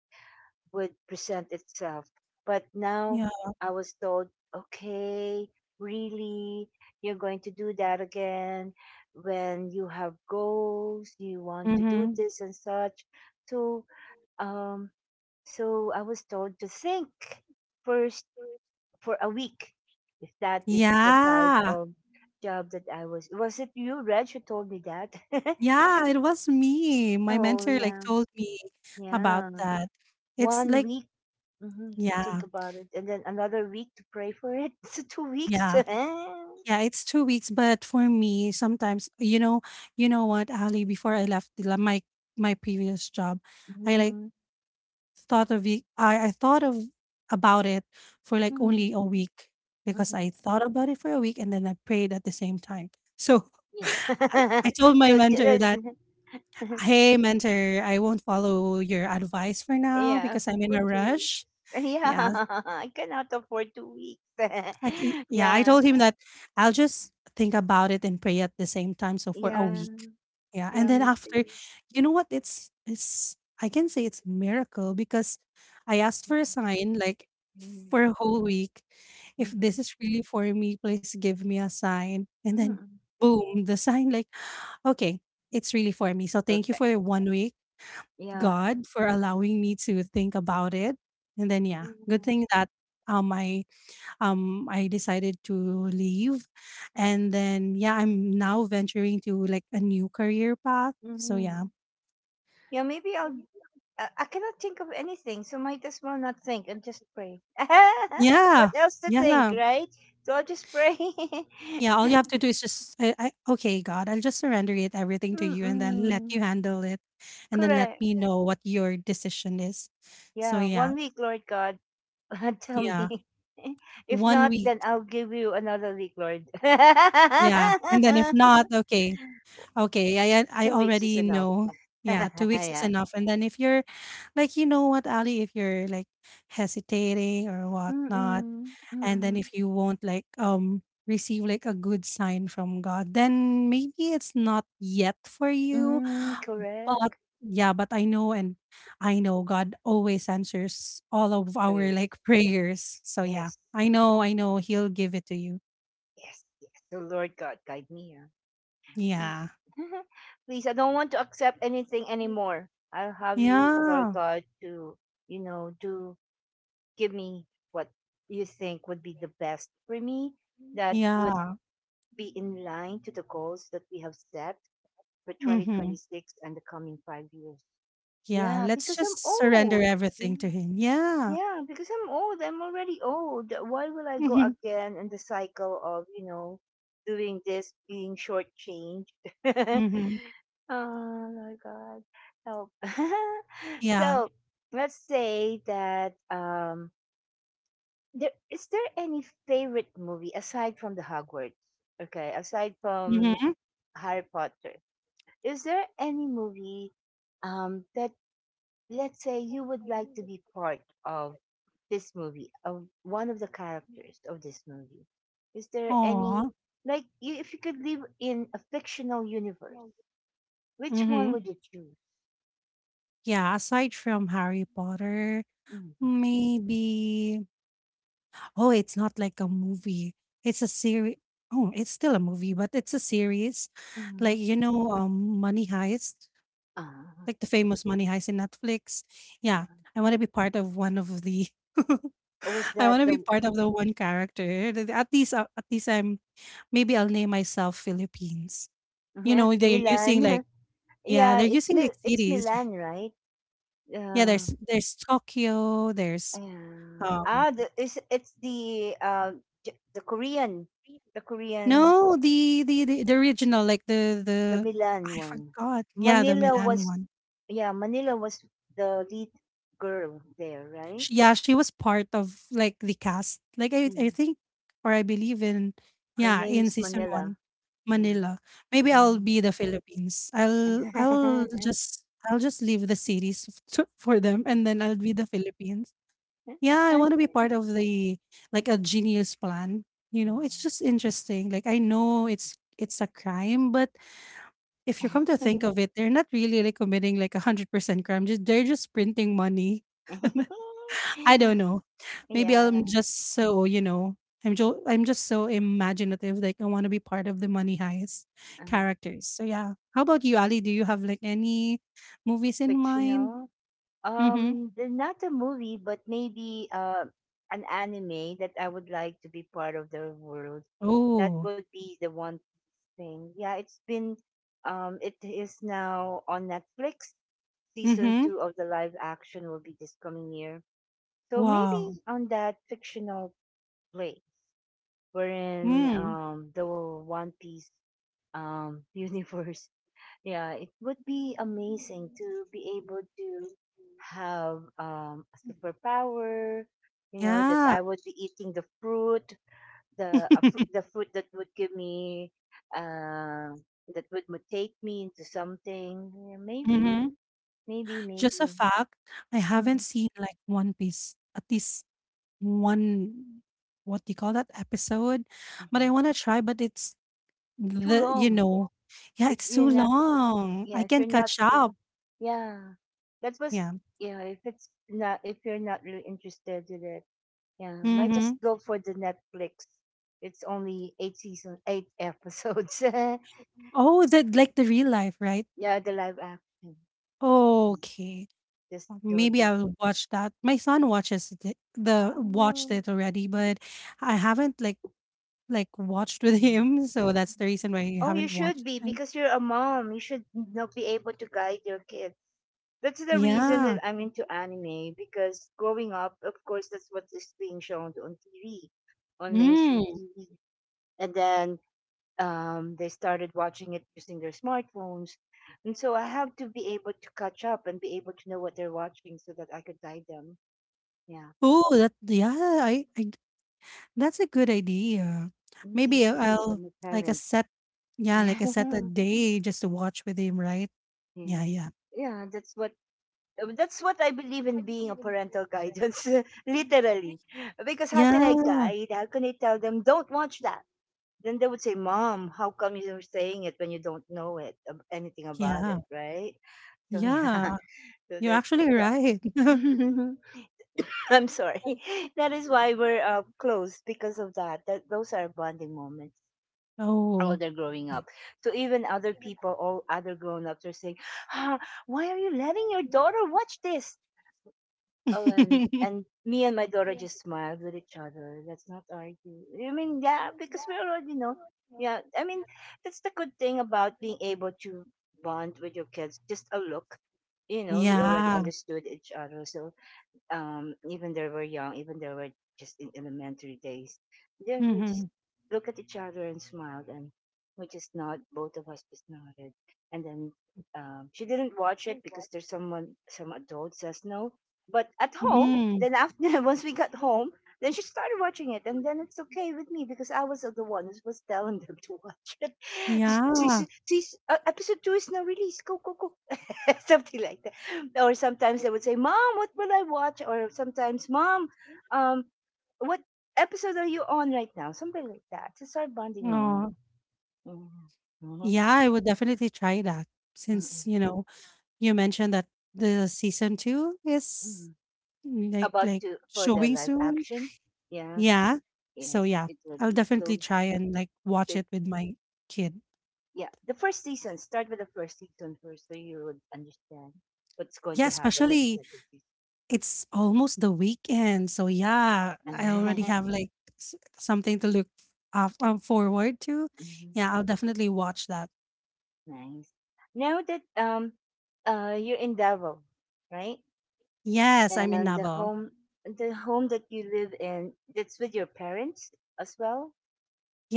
A: would present itself. But now
B: yeah.
A: I was told, okay, really, you're going to do that again when you have goals, you want to do
B: Mhm.
A: this and such. So um, so I was told to think first for a week, if that is the type
B: Yeah.
A: of job that I was. Was it you, Reg, who told me that?
B: Yeah, it was me. My
A: Oh,
B: mentor, like,
A: yeah.
B: told me about
A: Yeah.
B: that. It's
A: One
B: like
A: week hmm to think
B: yeah,
A: about it, and then another week to pray for it. So 2 weeks.
B: yeah, yeah, it's 2 weeks, but for me, sometimes you know what, Ali, before I left the la my my previous job, I, like,
A: Mm-hmm.
B: thought of it I thought of about it for, like,
A: Hmm.
B: only a week because
A: Hmm.
B: I thought about it for a week and then I prayed at the same time. So
A: Yeah.
B: I told my
A: so t-
B: mentor
A: that's-
B: that, "Hey, mentor, I won't follow your advice for now
A: yeah,
B: because I'm in
A: for
B: a
A: 2 weeks.
B: rush."
A: Yeah,
B: Yeah,
A: I cannot afford 2 weeks.
B: yeah, I
A: Yeah,
B: told him that I'll just think about it and pray at the same time. So for a
A: yeah.
B: week, yeah, and
A: Yeah,
B: then
A: me
B: after,
A: too.
B: you know what? It's I can say it's miracle because I asked for a sign like
A: Mhm.
B: for a whole week. If this
A: Mhm.
B: is really for me, please give me a sign. And then,
A: Mhm.
B: boom, the sign like, okay, it's really for me. So thank you
A: Perfect.
B: for 1 week.
A: Yeah.
B: God for allowing me to think about it. And then yeah, good
A: Mhm.
B: thing that um I I decided to leave. And then yeah, I'm now venturing to like a new career path. So
A: Mhm.
B: yeah.
A: Yeah, maybe I'll. I cannot think of anything, so might as well not think and just pray. What
B: Yeah.
A: else to think,
B: Yeah.
A: right? So I'll just pray.
B: Yeah. All you have to do is just I okay, God, I'll just surrender it everything to you and then let you
A: Mm-mm.
B: handle it. And then let
A: Correct.
B: me know what your decision is. So
A: Yeah,
B: yeah.
A: 1 week, Lord God. Tell
B: Yeah.
A: me. If
B: One
A: not,
B: week.
A: then I'll give you another week, Lord.
B: Yeah. And then if not, okay, Okay, I
A: 2 weeks is
B: already
A: enough.
B: know. Yeah, 2 weeks is
A: Yeah.
B: enough. And then if you're like, you know what, Ali, if you're like hesitating or
A: Mm,
B: whatnot,
A: mm, mm,
B: and then
A: mm
B: if you won't like receive like a good sign from God, then maybe it's not yet for you.
A: mm.
B: But
A: Correct.
B: yeah, but I know God always answers all of our
A: Prayers.
B: like prayers. So yeah,
A: Yes,
B: I know He'll give it to you.
A: yes, yes. So, Lord God, guide me. Ah. Please.
B: Yeah.
A: Please, I don't want to accept anything anymore. I'll have you, Lord
B: Yeah.
A: God, to, you know, do give me what you think would be the best for me that would
B: Yeah.
A: be in line to the goals that we have set for
B: Mm-hmm.
A: 2026 and the coming 5 years.
B: Yeah,
A: Yeah,
B: let's
A: because I'm
B: just surrender
A: old.
B: everything to
A: Yeah.
B: him. Yeah.
A: Yeah, because I'm old. I'm already old. Why will I go
B: Mhm,
A: again in the cycle of, you know, doing this, being shortchanged? Oh
B: mhm.
A: my God. Help.
B: Yeah.
A: So let's say that there is there any favorite movie aside from the Hogwarts? Okay, aside from
B: Mhm.
A: Harry Potter. Is there any movie that, let's say, you would like to be part of this movie, of one of the characters of this movie, is there
B: Aw.
A: any, like you, if you could live in a fictional universe, which one
B: Mhm.
A: would you choose?
B: Yeah, aside from Harry Potter,
A: Hmm.
B: maybe oh, it's not like a movie. It's a series. Oh, it's still a movie, but it's a series.
A: Mm-hmm.
B: Like, you know, Money Heist,
A: Uh,
B: like the famous Money Heist in Netflix. Yeah,
A: uh,
B: I want to be part of one of the
A: or was
B: I
A: that
B: want to be
A: the
B: part of the one character. At least I'm maybe I'll name myself Philippines. You
A: yeah,
B: know, they're
A: Milan?
B: using like yeah,
A: Yeah,
B: they're using like
A: It's
B: cities.
A: Milan, right?
B: Yeah,
A: Uh,
B: there's Tokyo, there's
A: yeah.
B: um
A: Ah, it's the the Korean, the Korean
B: no, the original like
A: the
B: the
A: Milan
B: I
A: one.
B: forgot. Yeah, the
A: Manila
B: Milan
A: was,
B: one.
A: yeah, Manila was the lead girl there, right?
B: She, yeah, she was part of like the cast. Like I
A: Yeah.
B: think or I believe in
A: Her
B: yeah, in
A: name's
B: season
A: Manila.
B: 1,
A: Yeah.
B: Manila. Maybe I'll
A: And
B: be the Philippines. I'll I'll just I'll just leave the series to, for them and then I'll be the Philippines. Yeah, I want to be part of the like a genius plan. You
A: wow.
B: know, it's just interesting. Like I know it's a crime, but if you come to think of it, they're not really like committing like 100% crime. Just they're just printing money. I don't know. Maybe
A: Yeah.
B: I'm just so you know. I'm just so imaginative. Like I want to be part of the Money Heist
A: Uh,
B: characters. So yeah. How about you, Ali? Do you have like any movies in mind?
A: fictional.
B: Mm-hmm.
A: Not a movie, but maybe an anime that I would like to be part of the world. That
B: Oh.
A: would be the one thing. Yeah, it's been it is now on Netflix. Season
B: Mm-hmm.
A: 2 of the live action will be this coming year. So maybe
B: Wow.
A: on that fictional play wherein
B: Mm.
A: the One Piece universe. Yeah, it would be amazing to be able to have a superpower, you know, that
B: Yeah.
A: I would be eating the fruit the food that would give me uh, that would mutate me into something, yeah, maybe
B: Mhm.
A: maybe maybe.
B: Just a fact, I haven't
A: Hmm.
B: seen, like, One Piece, at least one what do you call that? Episode? But
A: Hmm.
B: I wanna try, but it's
A: Too
B: the you
A: long
B: know yeah,
A: if
B: it's
A: you're
B: too
A: not,
B: long.
A: yeah,
B: I
A: if you're
B: can't
A: not
B: catch up.
A: yeah, that was,
B: Yeah.
A: yeah, if it's not if you're not really interested in it, yeah, might just
B: Mhm.
A: go for the Netflix, it's only eight episodes.
B: Oh, the like, the real life, right?
A: Yeah, the live action. Yeah,
B: Okay.
A: just go
B: Maybe
A: to
B: I'll watch that. My son watches it the watched it already, but I haven't, watched with
A: oh.
B: him, so that's the reason why I
A: Oh, you
B: haven't
A: should
B: watched.
A: be because you're a mom. You should not be able to guide your kids. That's the reason that
B: Yeah.
A: I'm into anime because growing up, of course, that's what is being shown on TV, on mainstream
B: Mm.
A: TV. And then they started watching it using their smartphones. And so I have to be able to catch up and be able to know what they're watching so that I could guide them. Yeah,
B: Oh, that yeah, I that's a good idea.
A: indeed,
B: Maybe
A: because
B: I'll
A: I'm a
B: like a
A: parent.
B: set yeah, like a set a day just to watch with him, right?
A: Yeah.
B: Yeah,
A: Yeah.
B: yeah.
A: Yeah, that's what. That's what I believe in being a parental guidance, literally. Because how can I
B: Yeah.
A: guide? How can I tell them, don't watch that? Then they would say, Mom, how come you're saying it when you don't know it, anything about
B: Yeah.
A: it, right? So, yeah.
B: Yeah.
A: So
B: You're
A: that's,
B: actually
A: uh,
B: right.
A: I'm sorry. That is why we're close because of that. Those are bonding moments while
B: Oh.
A: they're growing up. So even other people, all other grown ups are saying, ah, why are you letting your daughter watch this? Oh, and
B: Yeah.
A: me and my daughter just smiled with each other. Let's not argue. I mean, yeah, because we already know. Yeah, I mean, that's the good thing about being able to bond with your kids. Just a look, you know, we already
B: Yeah.
A: understood each other. So, even though we're young, even though we're just in elementary days, then we just
B: Mhm.
A: look at each other and smiled, and we just nod. Both of us just nodded, and then she didn't watch it because there's someone, some adult says no. But at home,
B: Mm.
A: then after once we got home, then she started watching it, and then it's okay with me because I was the one who was telling them to watch it.
B: Yeah.
A: She see, episode two is now released. Go, go, go, something like that. Or sometimes they would say, "Mom, what will I watch?" Or sometimes, "Mom, um, what episode are you on right now?" Something like that. It's our bonding moment.
B: Oh.
A: Mhm, mhm,
B: Yeah, I would definitely try that since,
A: mhm,
B: you know, you mentioned that the season 2 is
A: mhm.
B: mm, Like
A: About
B: like
A: to for the
B: showing
A: live
B: soon.
A: action, yeah,
B: Yeah. So
A: yes,
B: yeah,
A: it will
B: I'll
A: be so.
B: definitely try and like watch
A: The
B: it with my kid.
A: yeah, the first season. Start with the first season first, so you would understand what's going
B: Yeah,
A: to happen in the
B: especially
A: second
B: it's almost the weekend. So yeah, I already
A: season.
B: have like something to look forward to.
A: Hmm.
B: Yeah, I'll definitely watch that.
A: Nice. Now that you're in Davao, right?
B: Yes, I'm in
A: And
B: Davao.
A: the home that you live in, that's with your parents as well,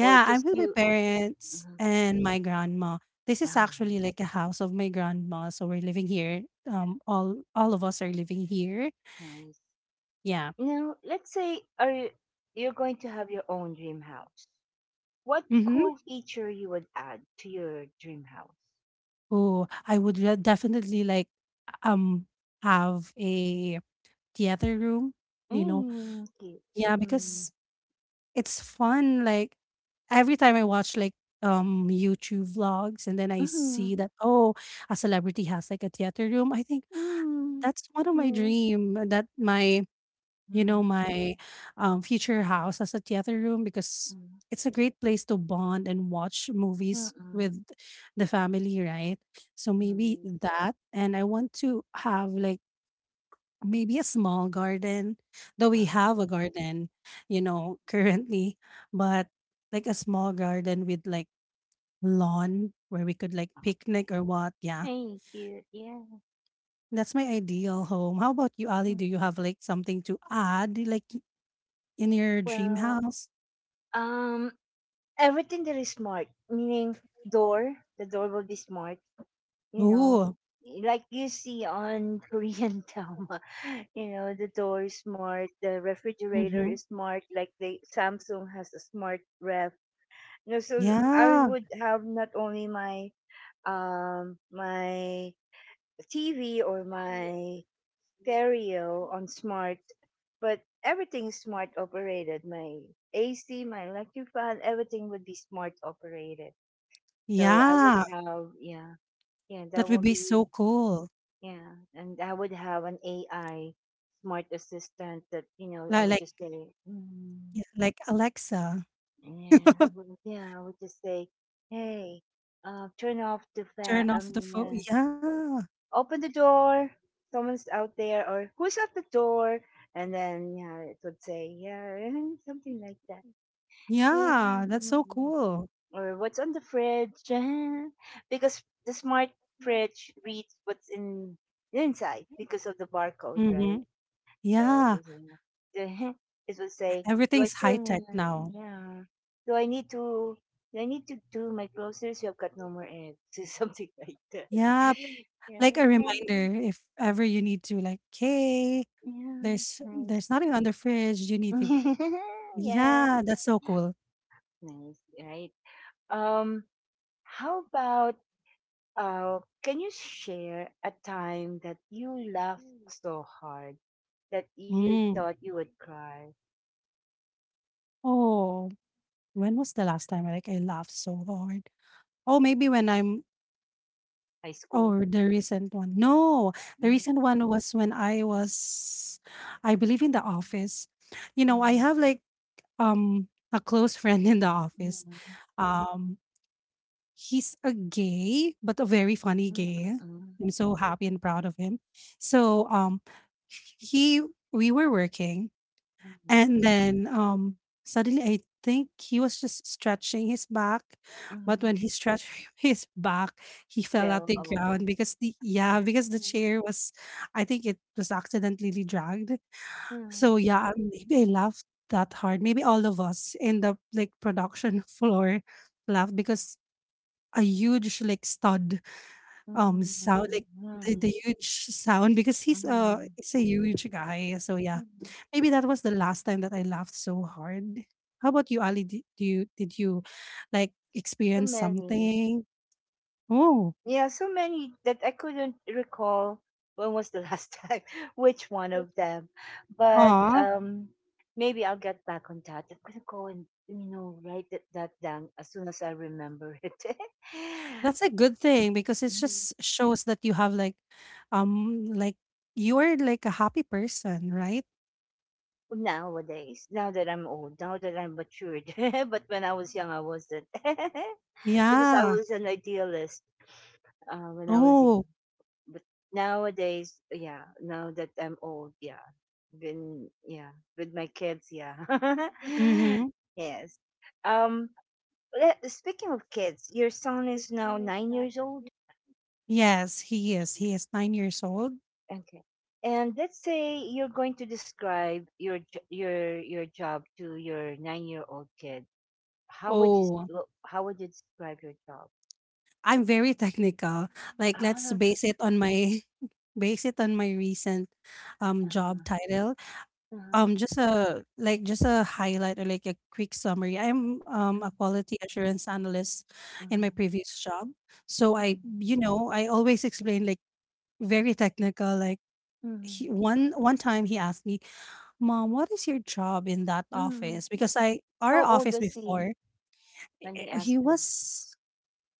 A: or
B: I'm
A: just
B: with my
A: you?
B: parents
A: Mhm.
B: and my grandma. This is
A: Ah,
B: actually
A: nice,
B: like a house of my grandma, so we're living here. All of us are living here.
A: nice.
B: Yeah.
A: Now, let's say, are you, you're going to have your own dream house? What
B: Mm-hmm.
A: cool feature you would add to your dream house?
B: Oh, I would definitely like um have a theater room, you know.
A: Mm, cute.
B: Yeah,
A: Mm,
B: because it's fun like every time I watch like YouTube vlogs, and then I
A: mhm,
B: see that oh, a celebrity has like a theater room. I think
A: mm,
B: that's one of my
A: yeah.
B: dream that my you know
A: Mm,
B: my future house as a theater room because
A: mm,
B: it's a great place to bond and watch movies
A: mm-mm,
B: with the family, right? So maybe
A: mm,
B: that, and I want to have like maybe a small garden, though we
A: uh-huh.
B: have a garden, you know, currently. But like a small garden with like lawn where we could like picnic or what. Yeah,
A: Hey, cute. Yeah.
B: that's my ideal home. How about you, Ali?
A: Mm.
B: Do you have like something to add, like in your dream
A: Well,
B: house?
A: um, everything that is smart, meaning the door will be smart. You know,
B: Ooh.
A: like you see on Korean drama, the door is smart, the refrigerator
B: Mhm.
A: is smart. Like the Samsung has a smart ref. You know, so I
B: Yeah,
A: would have not only my my TV or my stereo on smart, but everything smart operated. My AC, my electric fan, everything would be smart operated. So I would
B: yeah,
A: have, yeah, yeah, that
B: that would
A: would
B: be so
A: be,
B: cool.
A: yeah, and I would have an AI smart assistant that, I
B: Like,
A: would
B: like
A: just say, mm,
B: yeah, like Alexa,
A: yeah, I would just say, hey, turn off the fan.
B: turn
A: I
B: off the
A: mean,
B: phone.
A: yeah,
B: Yeah,
A: open the door, someone's out there, or who's at the door? And then, yeah, it would say, yeah, something like that. Yeah.
B: yeah, that's so
A: Mm-mm.
B: cool.
A: Or what's on the fridge? Because the smart fridge reads what's in inside because of the barcode, right?
B: Mhm.
A: So
B: Yeah,
A: it's in- it would say, do I
B: everything's
A: still,
B: high-tech now.
A: yeah, do I need to, do I need to do my groceries? You have got no more eggs, something like that.
B: Yeah,
A: Yeah.
B: like a reminder if ever you need to like, "Hey,
A: Yeah,
B: there's
A: nice.
B: there's nothing on the fridge, you need to."
A: Yeah,
B: Yeah, that's so cool.
A: nice, right? Um, how about can you share a time that you laughed so hard that you
B: Mm.
A: thought you would cry?
B: Oh, when was the last time, like, I laughed so hard? Oh, maybe when I'm,
A: High school.
B: oh, the recent one. No, the
A: Mm,
B: recent one was when I was, I believe, in the office. You know, I
A: mm,
B: have like a close friend in the
A: mm,
B: office.
A: mm,
B: Um, he's a gay, but a very funny gay.
A: mm,
B: I'm so happy and proud of him. So he, we were working.
A: mm,
B: And then suddenly I think he was just stretching his back. But
A: mm.
B: when he stretched his back, he
A: You
B: fell at
A: fell
B: the
A: over.
B: ground because the
A: Mm,
B: chair was, I think it was accidentally dragged. So
A: mm,
B: yeah, maybe I laughed that hard. Maybe all of us in the like production floor laughed because a huge like stud
A: mm,
B: sound, like the
A: mm,
B: huge sound because he's a
A: mm,
B: he's a huge guy. So yeah,
A: mm.
B: maybe that was the last time that I laughed so hard. How about you, Ali? Did you like
A: So
B: experience
A: many.
B: something? Oh,
A: Yeah, so many that I couldn't recall when was the last time, which one of them. But
B: aw,
A: Maybe I'll get back on that. I'm gonna go and write that down as soon as I remember it.
B: that's a good thing because it
A: Mm,
B: just shows that you have like, um, like you're like a happy person, right?
A: nowadays, now that I'm old, now that I'm matured, but when I was young, I wasn't. Because I
B: Yeah.
A: was an idealist when I was young.
B: Oh.
A: But nowadays, yeah, now that I'm old, yeah, been yeah with my kids, yeah,
B: Mm-hmm.
A: yes. Um, Le- speaking of kids, your son is now 9 years old.
B: Yes, he is. He is 9 years old.
A: Okay. And let's say you're going to describe your j- your job to your 9 year old kid. How would you s-
B: Oh,
A: lo- how would you describe your job?
B: I'm very technical. Like let's
A: Ah,
B: base it on my base it on my recent job
A: ah,
B: title. Um,
A: uh,
B: just a just a highlight or like a quick summary. I'm
A: mhm,
B: a quality assurance analyst in my
A: mhm,
B: previous job. So I,
A: mhm,
B: you know, I always explain like very technical, like he,
A: mhm,
B: one time he asked me, "Mom, what is your job in that
A: mhm.
B: office?" Because I, our
A: How old
B: office
A: was he?
B: before,
A: Then he
B: eh, he
A: asked them,
B: was,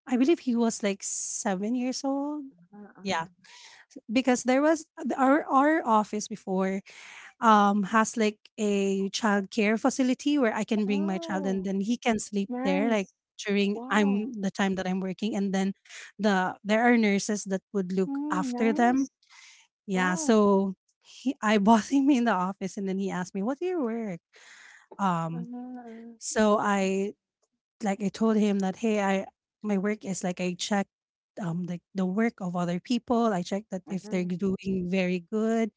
B: I believe he was like 7 years old.
A: uh-huh,
B: Yeah,
A: uh-huh.
B: because there was our office before has like a child care facility where I can bring my child and
A: "Wow,
B: then he can sleep there, like
A: nice.
B: during
A: Wow.
B: I'm the time that I'm working, and then there are nurses that would look
A: Mm,
B: after them.
A: nice.
B: Yeah,
A: Wow.
B: so he, I bought him in the office, and then he asked me, "What do you work?" Um,
A: Uh-huh,
B: I, like I told him that hey, I, my work is like I check like the work of other people. I check that if they're
A: uh-huh,
B: doing very good,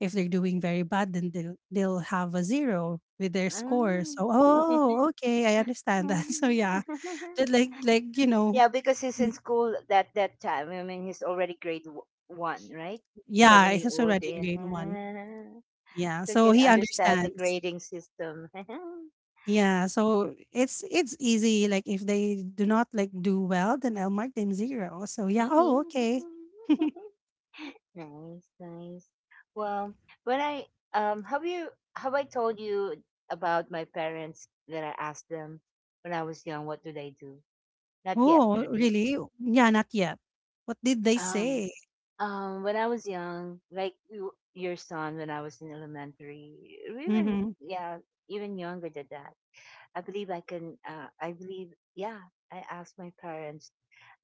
B: if they're doing very bad, then they'll have a zero with their
A: uh."
B: score. So oh, okay, I understand that. So yeah, that you know,
A: Yeah, because he's in school at that time. I mean, he's already grade w- one, right?
B: yeah,
A: 7 year
B: he's
A: old.
B: already in
A: Yeah.
B: grade one. Yeah,
A: So you
B: so
A: can
B: he
A: understand the
B: understands.
A: grading system.
B: Yeah, so it's easy. Like if they do not like do well, then I'll mark them zero. So yeah, oh okay.
A: Nice, nice. Well, when I have you have I told you about my parents that I asked them when I was young what do they do? Not yet,
B: Oh,
A: right?
B: really? Yeah, not yet. What did they
A: Um
B: say?
A: when I was young, like you, your son, when I was in elementary, or even
B: Mhm.
A: yeah, even younger than that. I believe I can I believe yeah, I asked my parents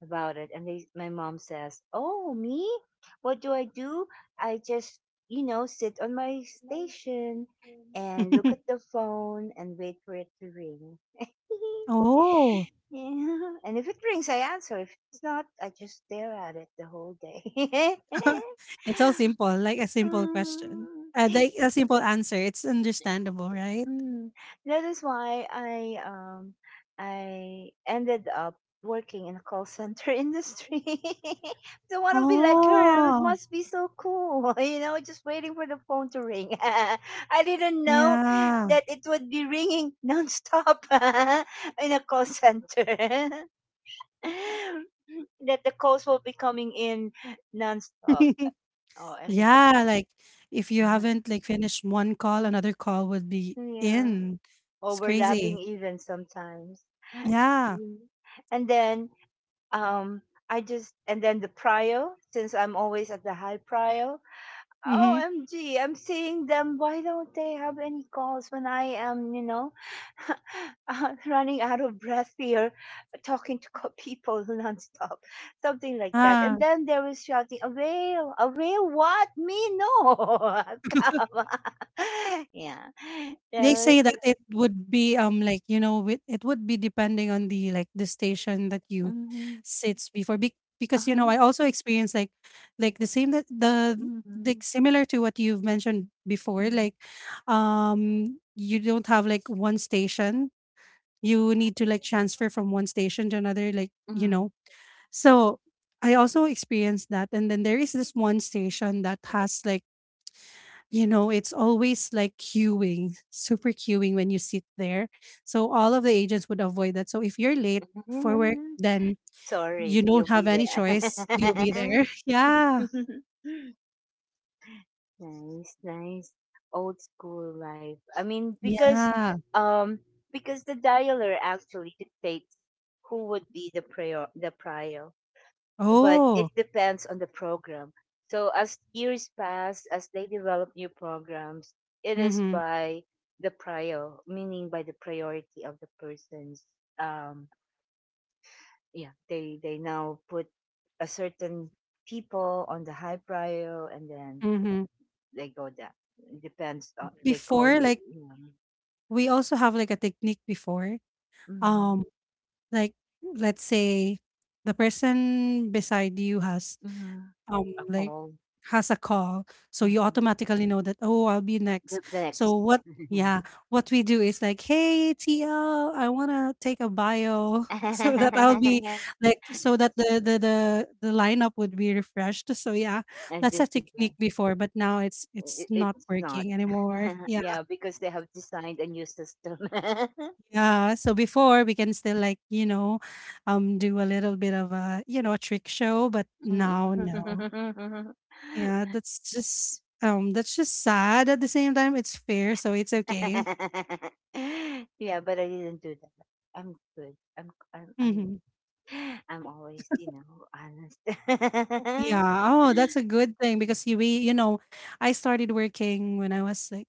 A: about it, and they my mom says, oh me, what do I do? I just, you know, sit on my station and look at the phone and wait for it to ring.
B: Oh,
A: Yeah, and if it rings I answer, if it's not I just stare at it the whole day.
B: it's so simple, like a simple question.
A: Mm.
B: Like a simple answer. It's understandable, right?
A: Mm, that is why I ended up working in a call center industry. So I want to be like her. It
B: Oh,
A: must be so cool, you know, just waiting for the phone to ring. I didn't know
B: yeah.
A: that it would be ringing nonstop in a call center, that the calls will be coming in nonstop. Oh, and
B: Yeah, like if you haven't like finished one call, another call would be
A: yeah,
B: in. It's
A: overlapping
B: crazy.
A: even sometimes.
B: Yeah.
A: Mm. And then um I just, and then the prio, since I'm always at the high prio.
B: Mhm.
A: OMG, I'm seeing them. Why don't they have any calls when I am, you know, running out of breath here, talking to co- people nonstop, something like that.
B: Ah.
A: And then there was shouting, a whale, what? Me? No. Come on. Yeah.
B: They
A: There
B: say
A: was,
B: that it would be, like, you know, with it would be depending on the, like, the station that you
A: mm-hmm,
B: sits before be because, you
A: uh-huh,
B: know, I also experienced, like, the same that the,
A: mm-hmm,
B: like, similar to what you've mentioned before,
A: mm-hmm,
B: like, you don't have, like, one station. You need to, like, transfer from one station to another, like, you
A: mm-hmm.
B: know? So, I also experienced that, and then there is this one station that has, like, you know, it's always like queuing, super queuing when you sit there. So all of the agents would avoid that. So if you're late for work,
A: Mm,
B: then you
A: sorry, you'll
B: don't have
A: be
B: any
A: there.
B: choice. You'll be there. Yeah.
A: Nice, nice. Old school life. I mean,
B: Yeah.
A: um because the dialer actually dictates who would be the prior, but
B: Oh.
A: it depends on the program. So as years pass, as they develop new programs, it is
B: Mm-hmm.
A: by the prior, meaning by the priority of the person's, um yeah, they now put a certain people on the high prior, and then
B: Mm-hmm.
A: they go down. It depends on they call
B: Before,
A: you,
B: like,
A: you know,
B: we also have like a technique before.
A: mhm,
B: Um, like let's say the person beside you has
A: mhm,
B: um,
A: a
B: like
A: call,
B: has a call, so you
A: mhm,
B: automatically know that oh, I'll be
A: the
B: next.
A: next
B: So what? Yeah, what we do is like, hey TL, I wanna take a bio. So that I'll be like, so that the lineup would be refreshed. So yeah,
A: and
B: that's a
A: different
B: technique
A: one.
B: before, but now it's
A: It,
B: not
A: it's not.
B: working anymore. Yeah,
A: Yeah, because they have designed a new system.
B: yeah. So before we can still like, you know, do a little bit of a, you know, a trick show, but now no.
A: Mhm.
B: Yeah, that's just sad. At the same time, it's fair, so it's okay.
A: Yeah, but I didn't do that. I'm good. I'm
B: Mhm.
A: I'm always, you know, honest.
B: Yeah. Oh, that's a good thing because you know, I started working when I was like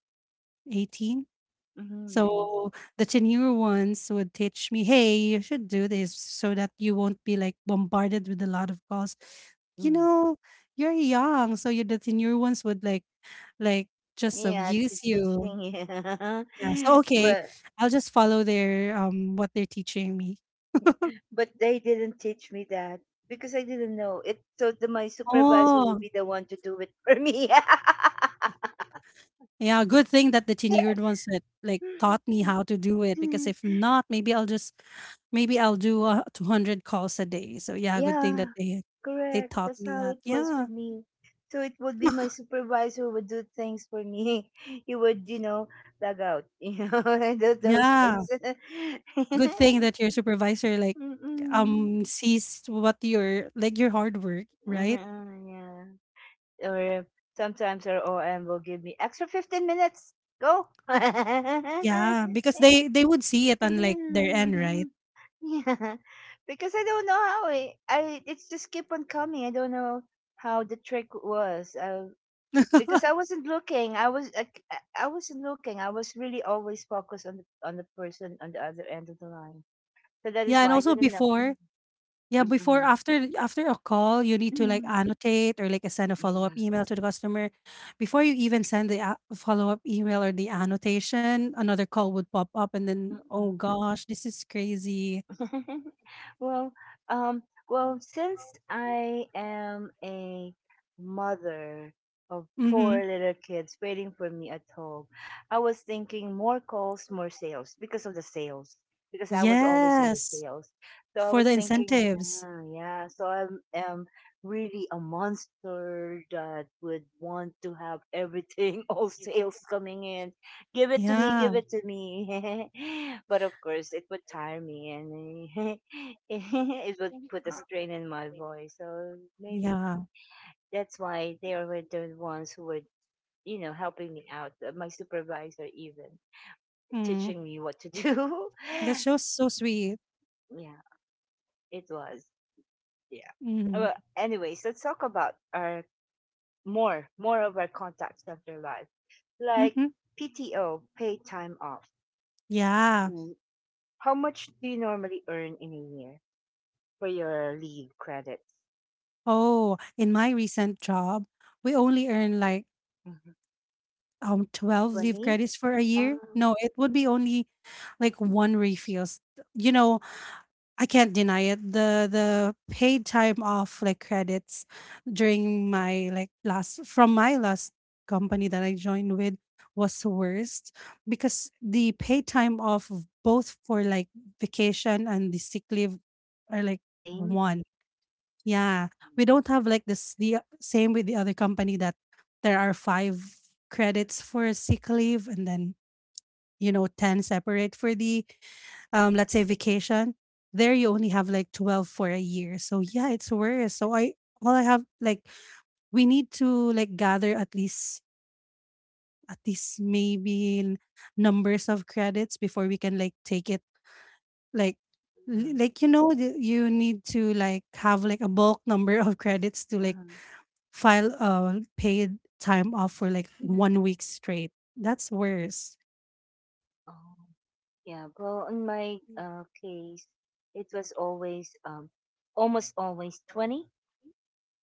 B: 18.
A: Hmm, nice.
B: So the tenure ones would teach me, hey, you should do this so that you won't be like bombarded with a lot of calls. You
A: Mhm.
B: know, you're young, so you, the tenure ones would like, like just
A: Yeah, to
B: abuse you.
A: teaching you.
B: Yeah. So okay,
A: but
B: I'll just follow their what they're teaching me.
A: but they didn't teach me that because I didn't know it. So my supervisor would
B: Oh,
A: be the one to do it for me.
B: yeah, good thing that the tenured ones that, like, taught me how to do it, because if not, maybe I'll do, 200 calls a day. So, yeah, good thing that
A: Yeah,
B: they
A: correct.
B: taught
A: That's
B: me
A: how
B: that.
A: it was
B: Yeah,
A: with me. So it would be my supervisor would do things for me. He would, you know, log out, you know, and do those
B: yeah.
A: things.
B: Good thing that your supervisor, like,
A: Mm-mm.
B: sees what your, like, your hard work, right?
A: Yeah. Or sometimes our OM will give me extra 15 minutes. Go. Yeah.
B: Yeah, because they would see it on, like, their end, right?
A: Because I don't know I, it's just keep on coming. I don't know how the trick was. I because I wasn't looking. I was like, I wasn't looking. I was really always focused on the person on the other end of the line. So that is
B: Yeah, and
A: why I
B: also
A: didn't know.
B: before, yeah, before
A: Mm-mm.
B: after a call, you need to like
A: Mm-mm.
B: annotate or like send a follow-up
A: Yeah.
B: email to the customer. Before you even send the follow-up email or the annotation, another call would pop up and then, oh
A: Mm-mm.
B: gosh, this is crazy.
A: Well, um, well, since I am a mother of
B: Mm-hmm.
A: 4 little kids waiting for me at home, I was thinking more calls, more sales because of the sales. Because I was always in the
B: Yes,
A: sales, so I
B: for
A: was
B: the
A: thinking,
B: incentives.
A: "Ah, yeah. So I'm am really a monster that would want to have everything, all sales coming in, give it to me, give
B: Yeah.
A: it to me." But of course, it would tire me and it would put a
B: Uh,
A: strain in my voice. So maybe
B: yeah.
A: that's why they were the ones who were, you know, helping me out. My supervisor, even
B: Mm.
A: teaching me what to do.
B: That's just so sweet.
A: Yeah, it was. Yeah.
B: Mm-hmm.
A: Well, anyways, let's talk about our more of our contacts after life, like
B: Mm-hmm.
A: PTO, paid time off.
B: Yeah.
A: Mm, how much do you normally earn in a year, for your leave credits?
B: Oh, in my recent job, we only earn like
A: Mhm.
B: 12 leave
A: 20?
B: credits for a year.
A: Um,
B: No, it would be only like one refills, you know. I can't deny it, the paid time off like credits during my like last, from my last company that I joined with, was the worst because the paid time off of both for like vacation and the sick leave are like
A: same.
B: one. Yeah, we don't have like this, the same with the other company that there are five credits for sick leave and then you know 10 separate for the let's say vacation. There you only have like 12 for a year. So yeah, it's worse. So I, all I have like, we need to like gather at least, at least maybe numbers of credits before we can like take it like
A: Mhm.
B: you know you need to like have like a bulk number of credits to like
A: Um,
B: file paid time off for like 1 week straight. That's worse.
A: oh, yeah. Well, in my case, it was always, almost always 20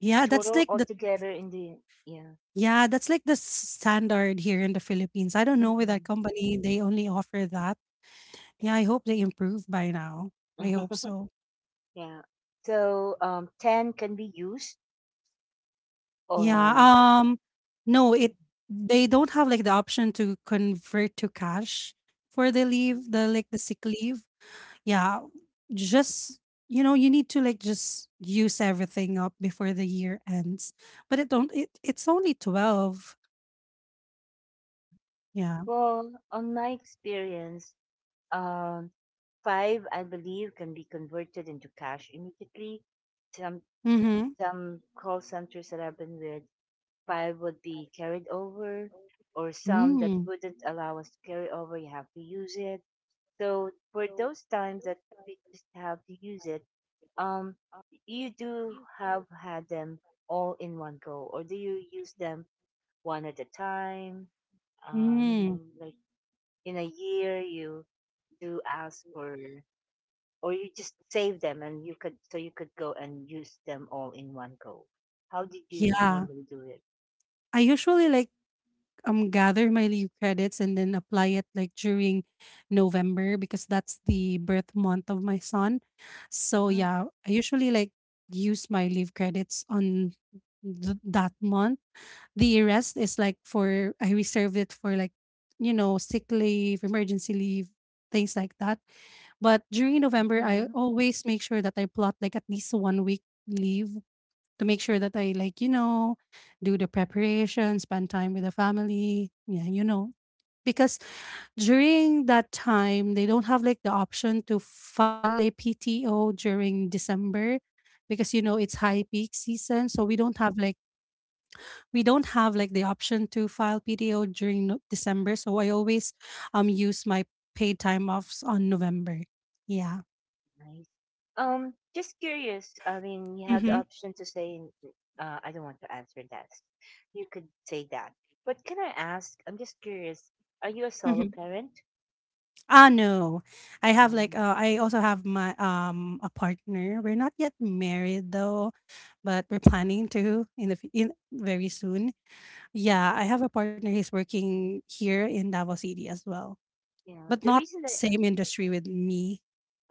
B: Yeah, that's
A: total
B: like the
A: altogether in the, yeah.
B: yeah, that's like the standard here in the Philippines. I don't know with that
A: Mhm.
B: company, they only offer that. Yeah, I hope they improve by now. I hope so.
A: Yeah. So, 10 can be used.
B: Yeah,
A: Um,
B: um no, it they don't have like the option to convert to cash for the leave, the
A: Mhm.
B: like the sick leave. Yeah, just you know, you need to like just use everything up before the year ends. But it don't, it it's only 12. Yeah.
A: Well, on my experience, um, five, I believe, can be converted into cash immediately. Some
B: Mhm.
A: some call centers that I've been with, five would be carried over, or some that
B: Mm.
A: wouldn't allow us to carry over. You have to use it. So for those times that we just have to use it, um, you do have had them all in one go, or do you use them one at a time? You
B: Mm.
A: know, like in a year, you do ask for or you just save them and you could, so you could go and use them all in one go? How did you
B: Yeah.
A: normally do it?
B: I usually like gather my leave credits and then apply it like during November because that's the birth month of my son. So
A: Ah,
B: yeah, I usually like use my leave credits on that month. The rest is like for, I reserved it for like you know sick leave, emergency leave, things like that. But during November, I
A: mhm,
B: always make sure that I plot like at least 1 week leave to make sure that I like you know do the preparation, spend time with the family, yeah, you know. Because during that time, they don't have like the option to file a PTO during December because you know it's high peak season. So we
A: yeah,
B: don't have like, we don't have like the option to file PTO during December, so I always use my paid time offs on November. Yeah.
A: nice. Um, just curious, I mean, you had the
B: Mm-hmm.
A: option to say, I don't want to answer that. You could say that, but can I ask, I'm just curious, are you a solo
B: Mm-hmm.
A: parent?
B: Ah no, I have like
A: Um,
B: I also have my a partner. We're not yet married though, but we're planning to in the in very soon. Yeah,
A: okay.
B: I have a partner. He's working here in Davao City as well,
A: Yeah,
B: but
A: the
B: not
A: reason that
B: same industry with me.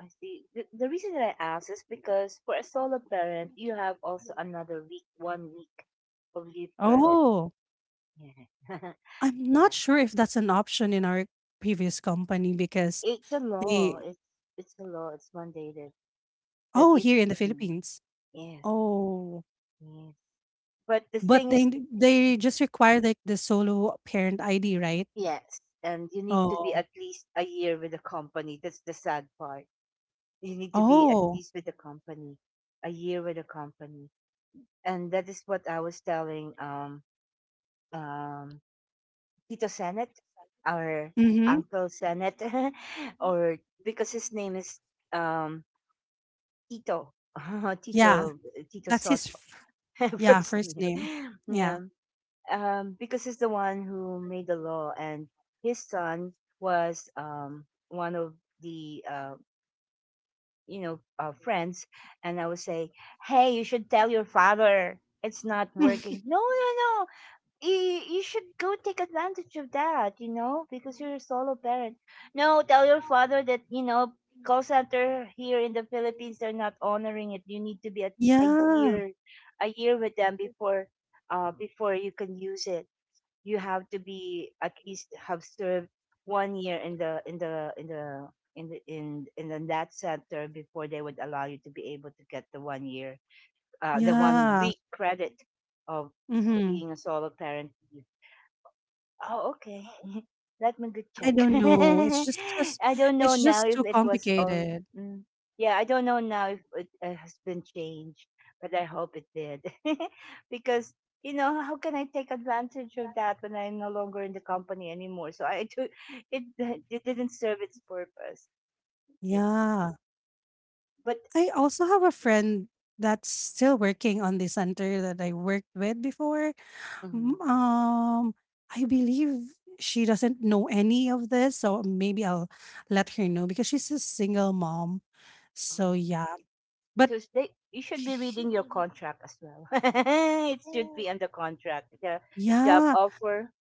A: I see. The reason that I ask is because for a solo parent, you have also another week, 1 week of leave credits.
B: Oh,
A: Yeah,
B: I'm
A: yeah.
B: not sure if that's an option in our previous company because
A: It's a law.
B: they
A: It's a law. It's mandated that
B: oh,
A: if,
B: here in the
A: mm,
B: Philippines.
A: yes,
B: Oh,
A: yes. But the
B: but
A: thing is,
B: they just require like the solo parent ID, right?
A: yes, and you need to be
B: Oh,
A: at least a year with the company. That's the sad part. You need to be at
B: oh,
A: least with the company, a year with the company, and that is what I was telling um Tito Senet, our
B: hmm.
A: Uncle Senet, or because his name is, um, Tito,
B: Yeah,
A: Tito, Tito
B: that's his.
A: Soto,
B: Yeah,
A: first
B: first name.
A: name.
B: Yeah,
A: Yeah, because he's the one who made the law, and his son was, one of the you know, friends, and I would say, "Hey, you should tell your father. It's not working. No, no, no. You should go take advantage of that, you know, because you're a solo parent. No, tell your father that, you know, call center here in the Philippines, they're not honoring it. You need to be at least
B: yeah,
A: a year with them before," before you can use it. You have to be at least have served 1 year in that center before they would allow you to be able to get the one
B: yeah.
A: week credit of
B: Mm-hmm.
A: being a solo parent. Oh, okay. Let me good
B: I
A: check.
B: don't know. It's just
A: I don't know
B: it's
A: now
B: just
A: if
B: too
A: it was all.
B: complicated.
A: Mm, yeah, I don't know now if it has been changed, but I hope it did. Because, how can I take advantage of that when I'm no longer in the company anymore? So I took it, it didn't serve its purpose. Yeah.
B: Yeah.
A: But
B: I also have a friend that's still working on the center that I worked with before.
A: mm,
B: M- Um, I believe she doesn't know any of this, so maybe I'll let her know because she's a single mom. So
A: mm.
B: yeah, but
A: You should be reading your contract as well. It should be under contract. The job
B: yeah,
A: offer.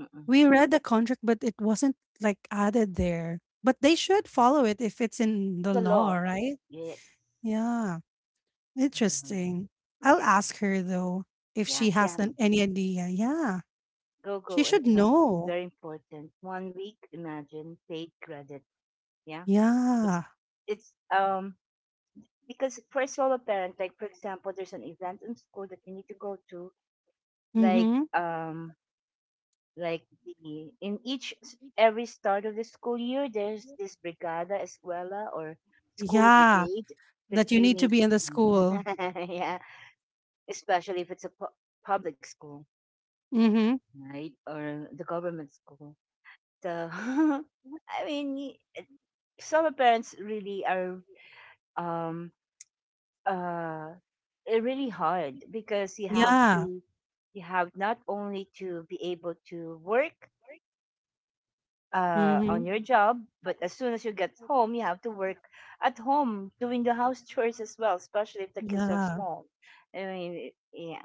A: Mm-mm.
B: we read the contract, but it wasn't like added there. But they should follow it if it's in
A: It's
B: the
A: a
B: law,
A: lot.
B: right?
A: Yes.
B: Yeah,
A: Um,
B: interesting. I'll ask her though if
A: Yeah,
B: she has
A: Shang.
B: any idea. Yeah.
A: Go,
B: She
A: go and
B: should
A: tell. It's
B: know.
A: very important. 1 week, imagine, paid credit. Yeah. It's,
B: Yeah.
A: it's because for a solo parent, like, for example, there's an event in school that you need to go to, like,
B: Mhm.
A: um, like the, in each, s- every start of the school year, there's this brigada, escuela, or school
B: Yeah.
A: brigade that
B: That you
A: you
B: need to
A: need.
B: be in the school.
A: Yeah. Especially if it's a public school,
B: Mhm.
A: right, or the government school. So, I mean, some parents really are um uh really hard because
B: Yeah.
A: you have not only to be able to work on
B: Mhm.
A: your job, but as soon as you get home, you have to work at home doing the house chores as well, especially if the kids are
B: Yeah.
A: small. I mean, yeah.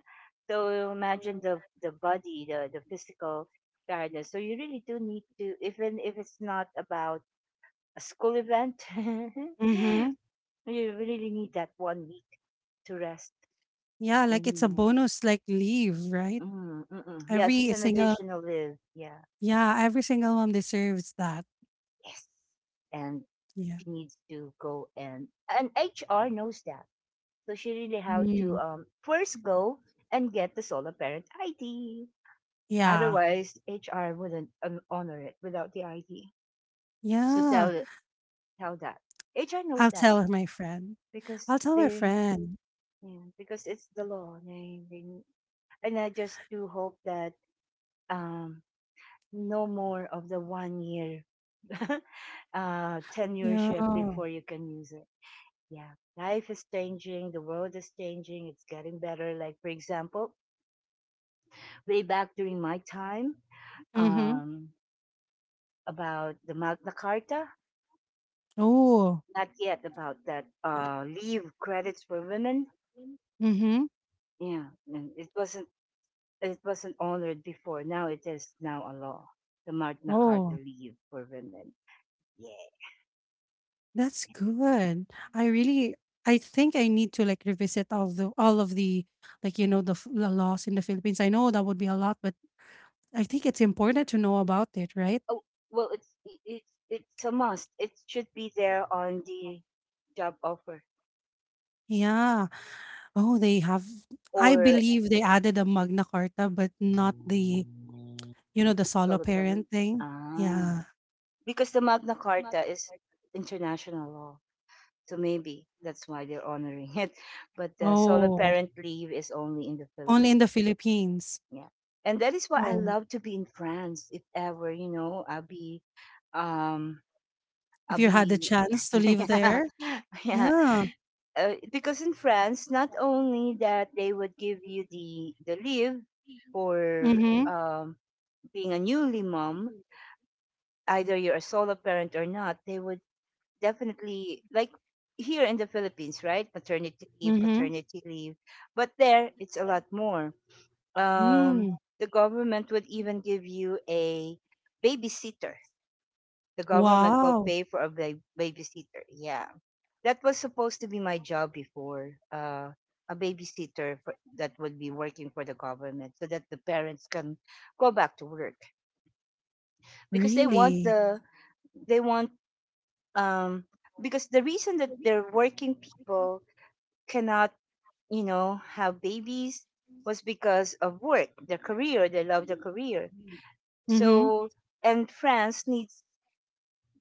A: So imagine the body, the physical tiredness. So you really do need to, even if it's not about a school event,
B: Mhm.
A: you really need that 1 week to rest.
B: Yeah, like it's a
A: Mm.
B: bonus, like, leave, right?
A: Mm, mm, mm. Yes, it's
B: Every
A: an
B: single
A: additional leave. Yeah.
B: yeah, every single mom deserves that.
A: Yes. And
B: Yeah.
A: she needs to go and HR knows that. So she really have to
B: Mm.
A: first go and get the solo parent ID.
B: Yeah.
A: Otherwise, HR wouldn't honor it without the ID. So
B: Yeah.
A: tell that HR knows
B: I'll
A: that
B: tell my friend.
A: because
B: I'll tell my
A: they
B: friend.
A: yeah, because it's the law. And I just do hope that um no more of the 1 year
B: Yeah.
A: tenureship before you can use it. Yeah, life is changing, the world is changing, it's getting better. Like, for example, way back during my time,
B: Mhm.
A: um, about the Magna Carta,
B: Oh.
A: not yet about that leave credits for women.
B: Mhm.
A: Yeah, and it wasn't honored before. Now it is now a law. The Magna Carta
B: Oh.
A: leave for women. Yeah.
B: That's good. I really, I think I need to like revisit all of the like you know the laws in the Philippines. I know that would be a lot, but I think it's important to know about it, right?
A: Oh, well, it's a must. It should be there on the job offer,
B: Yeah. Oh, they have I
A: or
B: believe they added a Magna Carta but not the you know the solo
A: solo parent?
B: parent thing.
A: Ah,
B: Yeah.
A: because the Magna Carta is international law, so maybe that's why they're honoring it. But the solo
B: Oh,
A: parent leave is only in the
B: only in
A: Philippines.
B: the Philippines.
A: Yeah, and that is why I
B: Oh,
A: love to be in France. If ever, I'll um,
B: if you had the
A: be
B: chance to live
A: yeah,
B: there.
A: yeah.
B: Yeah.
A: Because in France, not only that they would give you the leave for
B: Mhm.
A: um being a newly mom, either you're a solo parent or not, they would definitely like here in the Philippines, right? Maternity leave,
B: Mhm.
A: paternity leave. But there it's a lot more. Um
B: Mm.
A: the government would even give you a babysitter. The government will
B: Wow.
A: pay for a babysitter. Yeah. That was supposed to be my job before. A babysitter for, that would be working for the government so that the parents can go back to work because they want
B: Really?
A: the they want um, because the reason that their working people cannot, have babies was because of work, their career. They love their career.
B: Mhm.
A: So, and France needs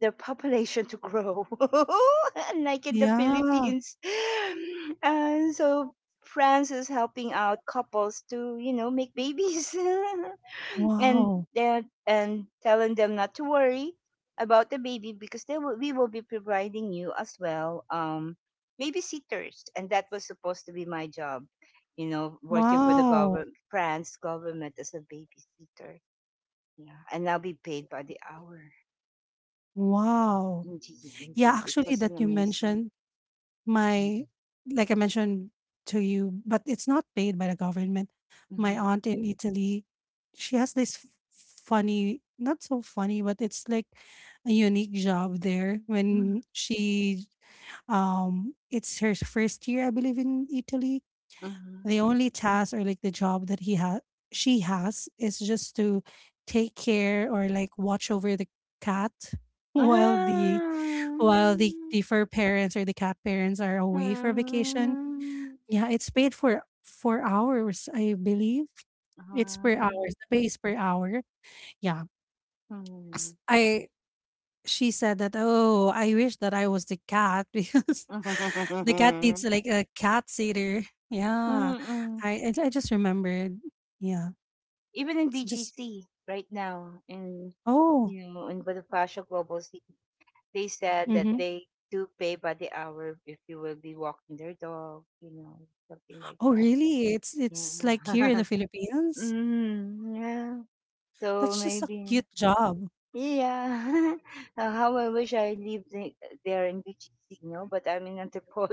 A: the population to grow, unlike in the
B: Yeah.
A: Philippines. And so France is helping out couples to make babies, and
B: Wow.
A: telling them not to worry about the baby because we will be providing you as well, babysitters, and that was supposed to be my job, working for the
B: Wow.
A: government, France government as a babysitter. Yeah, and I'll be paid by the hour.
B: Wow.
A: Indeed,
B: Yeah,
A: indeed. It
B: actually
A: was an
B: that you
A: amazing.
B: mentioned
A: Mm,
B: my like I mentioned to you, but it's not paid by the government. My
A: mhm,
B: aunt in Italy, she has this funny, not so funny, but it's like a unique job there
A: mm,
B: when she it's her first year I believe in Italy
A: mhm.
B: the only task or like the job that he has she has is just to take care or like watch over the cat while the
A: Um,
B: the fur parents or the cat parents are away for vacation. Yeah, it's paid for hours I believe. It's per hours,
A: um,
B: the pay is per hour. Yeah. S-
A: um,
B: I she said that, "Oh, I wish that I was the cat because the cat needs
A: mm.
B: like a cat sitter." Yeah,
A: Mm-mm.
B: I just remembered. Yeah,
A: Even in
B: it's just
A: BGC right now,
B: oh,
A: in Bonifacio Global City, they said that
B: hmm.
A: they do pay by the hour if you will be walking their dog, something like
B: Oh
A: that.
B: really? It's like here in
A: Yeah.
B: the Philippines.
A: Mm, yeah. So
B: That's just a
A: maybe.
B: cute job.
A: Yeah. How I wish I lived there in Vichysino, but I'm in Antipolo.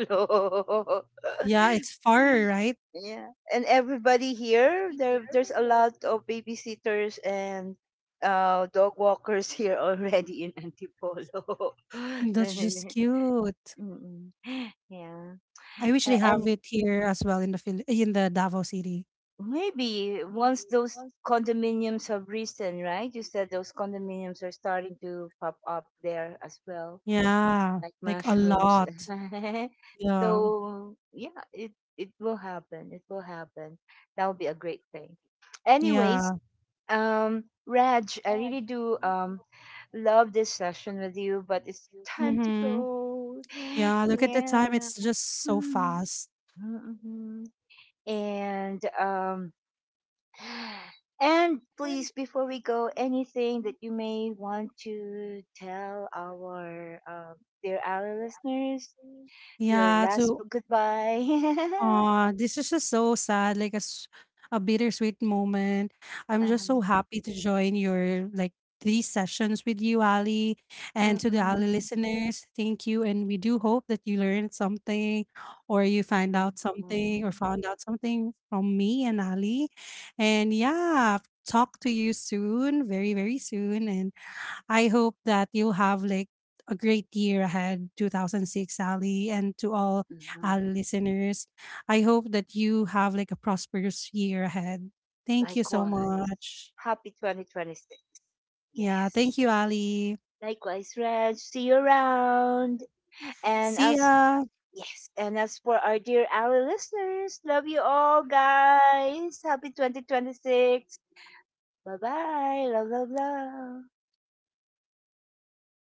B: Yeah, it's far right.
A: Yeah. And everybody here, there's a lot of babysitters and dog walkers here already in Antipolo.
B: That's just cute.
A: Mm, mm. Yeah.
B: I wish they
A: A-
B: have
A: And
B: it here as well in the in the Davao City.
A: maybe once those condominiums have risen, right? You said those condominiums are starting to pop up there as well
B: Yeah,
A: like
B: like a
A: mushrooms.
B: lot. Yeah,
A: So yeah, it will happen. It will happen. That would be a great thing. Anyways,
B: yeah.
A: Raj, I really do love this session with you, but it's time to
B: Mm-hmm.
A: go.
B: Yeah, look at the time.
A: Yeah.
B: It's just so
A: Mm,
B: fast.
A: mm, mhm. And and please before we go anything that you may want to tell our dear our listeners your
B: Yeah,
A: last
B: to
A: goodbye.
B: aw, this is just so sad, like a bittersweet moment. I'm just so
A: um,
B: happy to join your like these sessions with you, Ali, and to the Ali
A: mm-mm,
B: listeners. Thank you, and we do hope that you learned something, or you find out
A: mm-mm,
B: something, or found out something from me and Ali. And yeah, talk to you soon, very very soon, and. I hope that you have like a great year ahead, 2006, Ali, and to all
A: mm-mm.
B: our listeners. I hope that you have like a prosperous year ahead. Thank you so
A: Likewise.
B: much.
A: Happy 2026.
B: Yeah, thank
A: Yes.
B: you, Ali.
A: Likewise, Reg. See you around. And
B: See
A: as
B: ya.
A: Yes, and as for our dear ally listeners, love you all guys. Happy 2026. Bye bye. Love, love, love.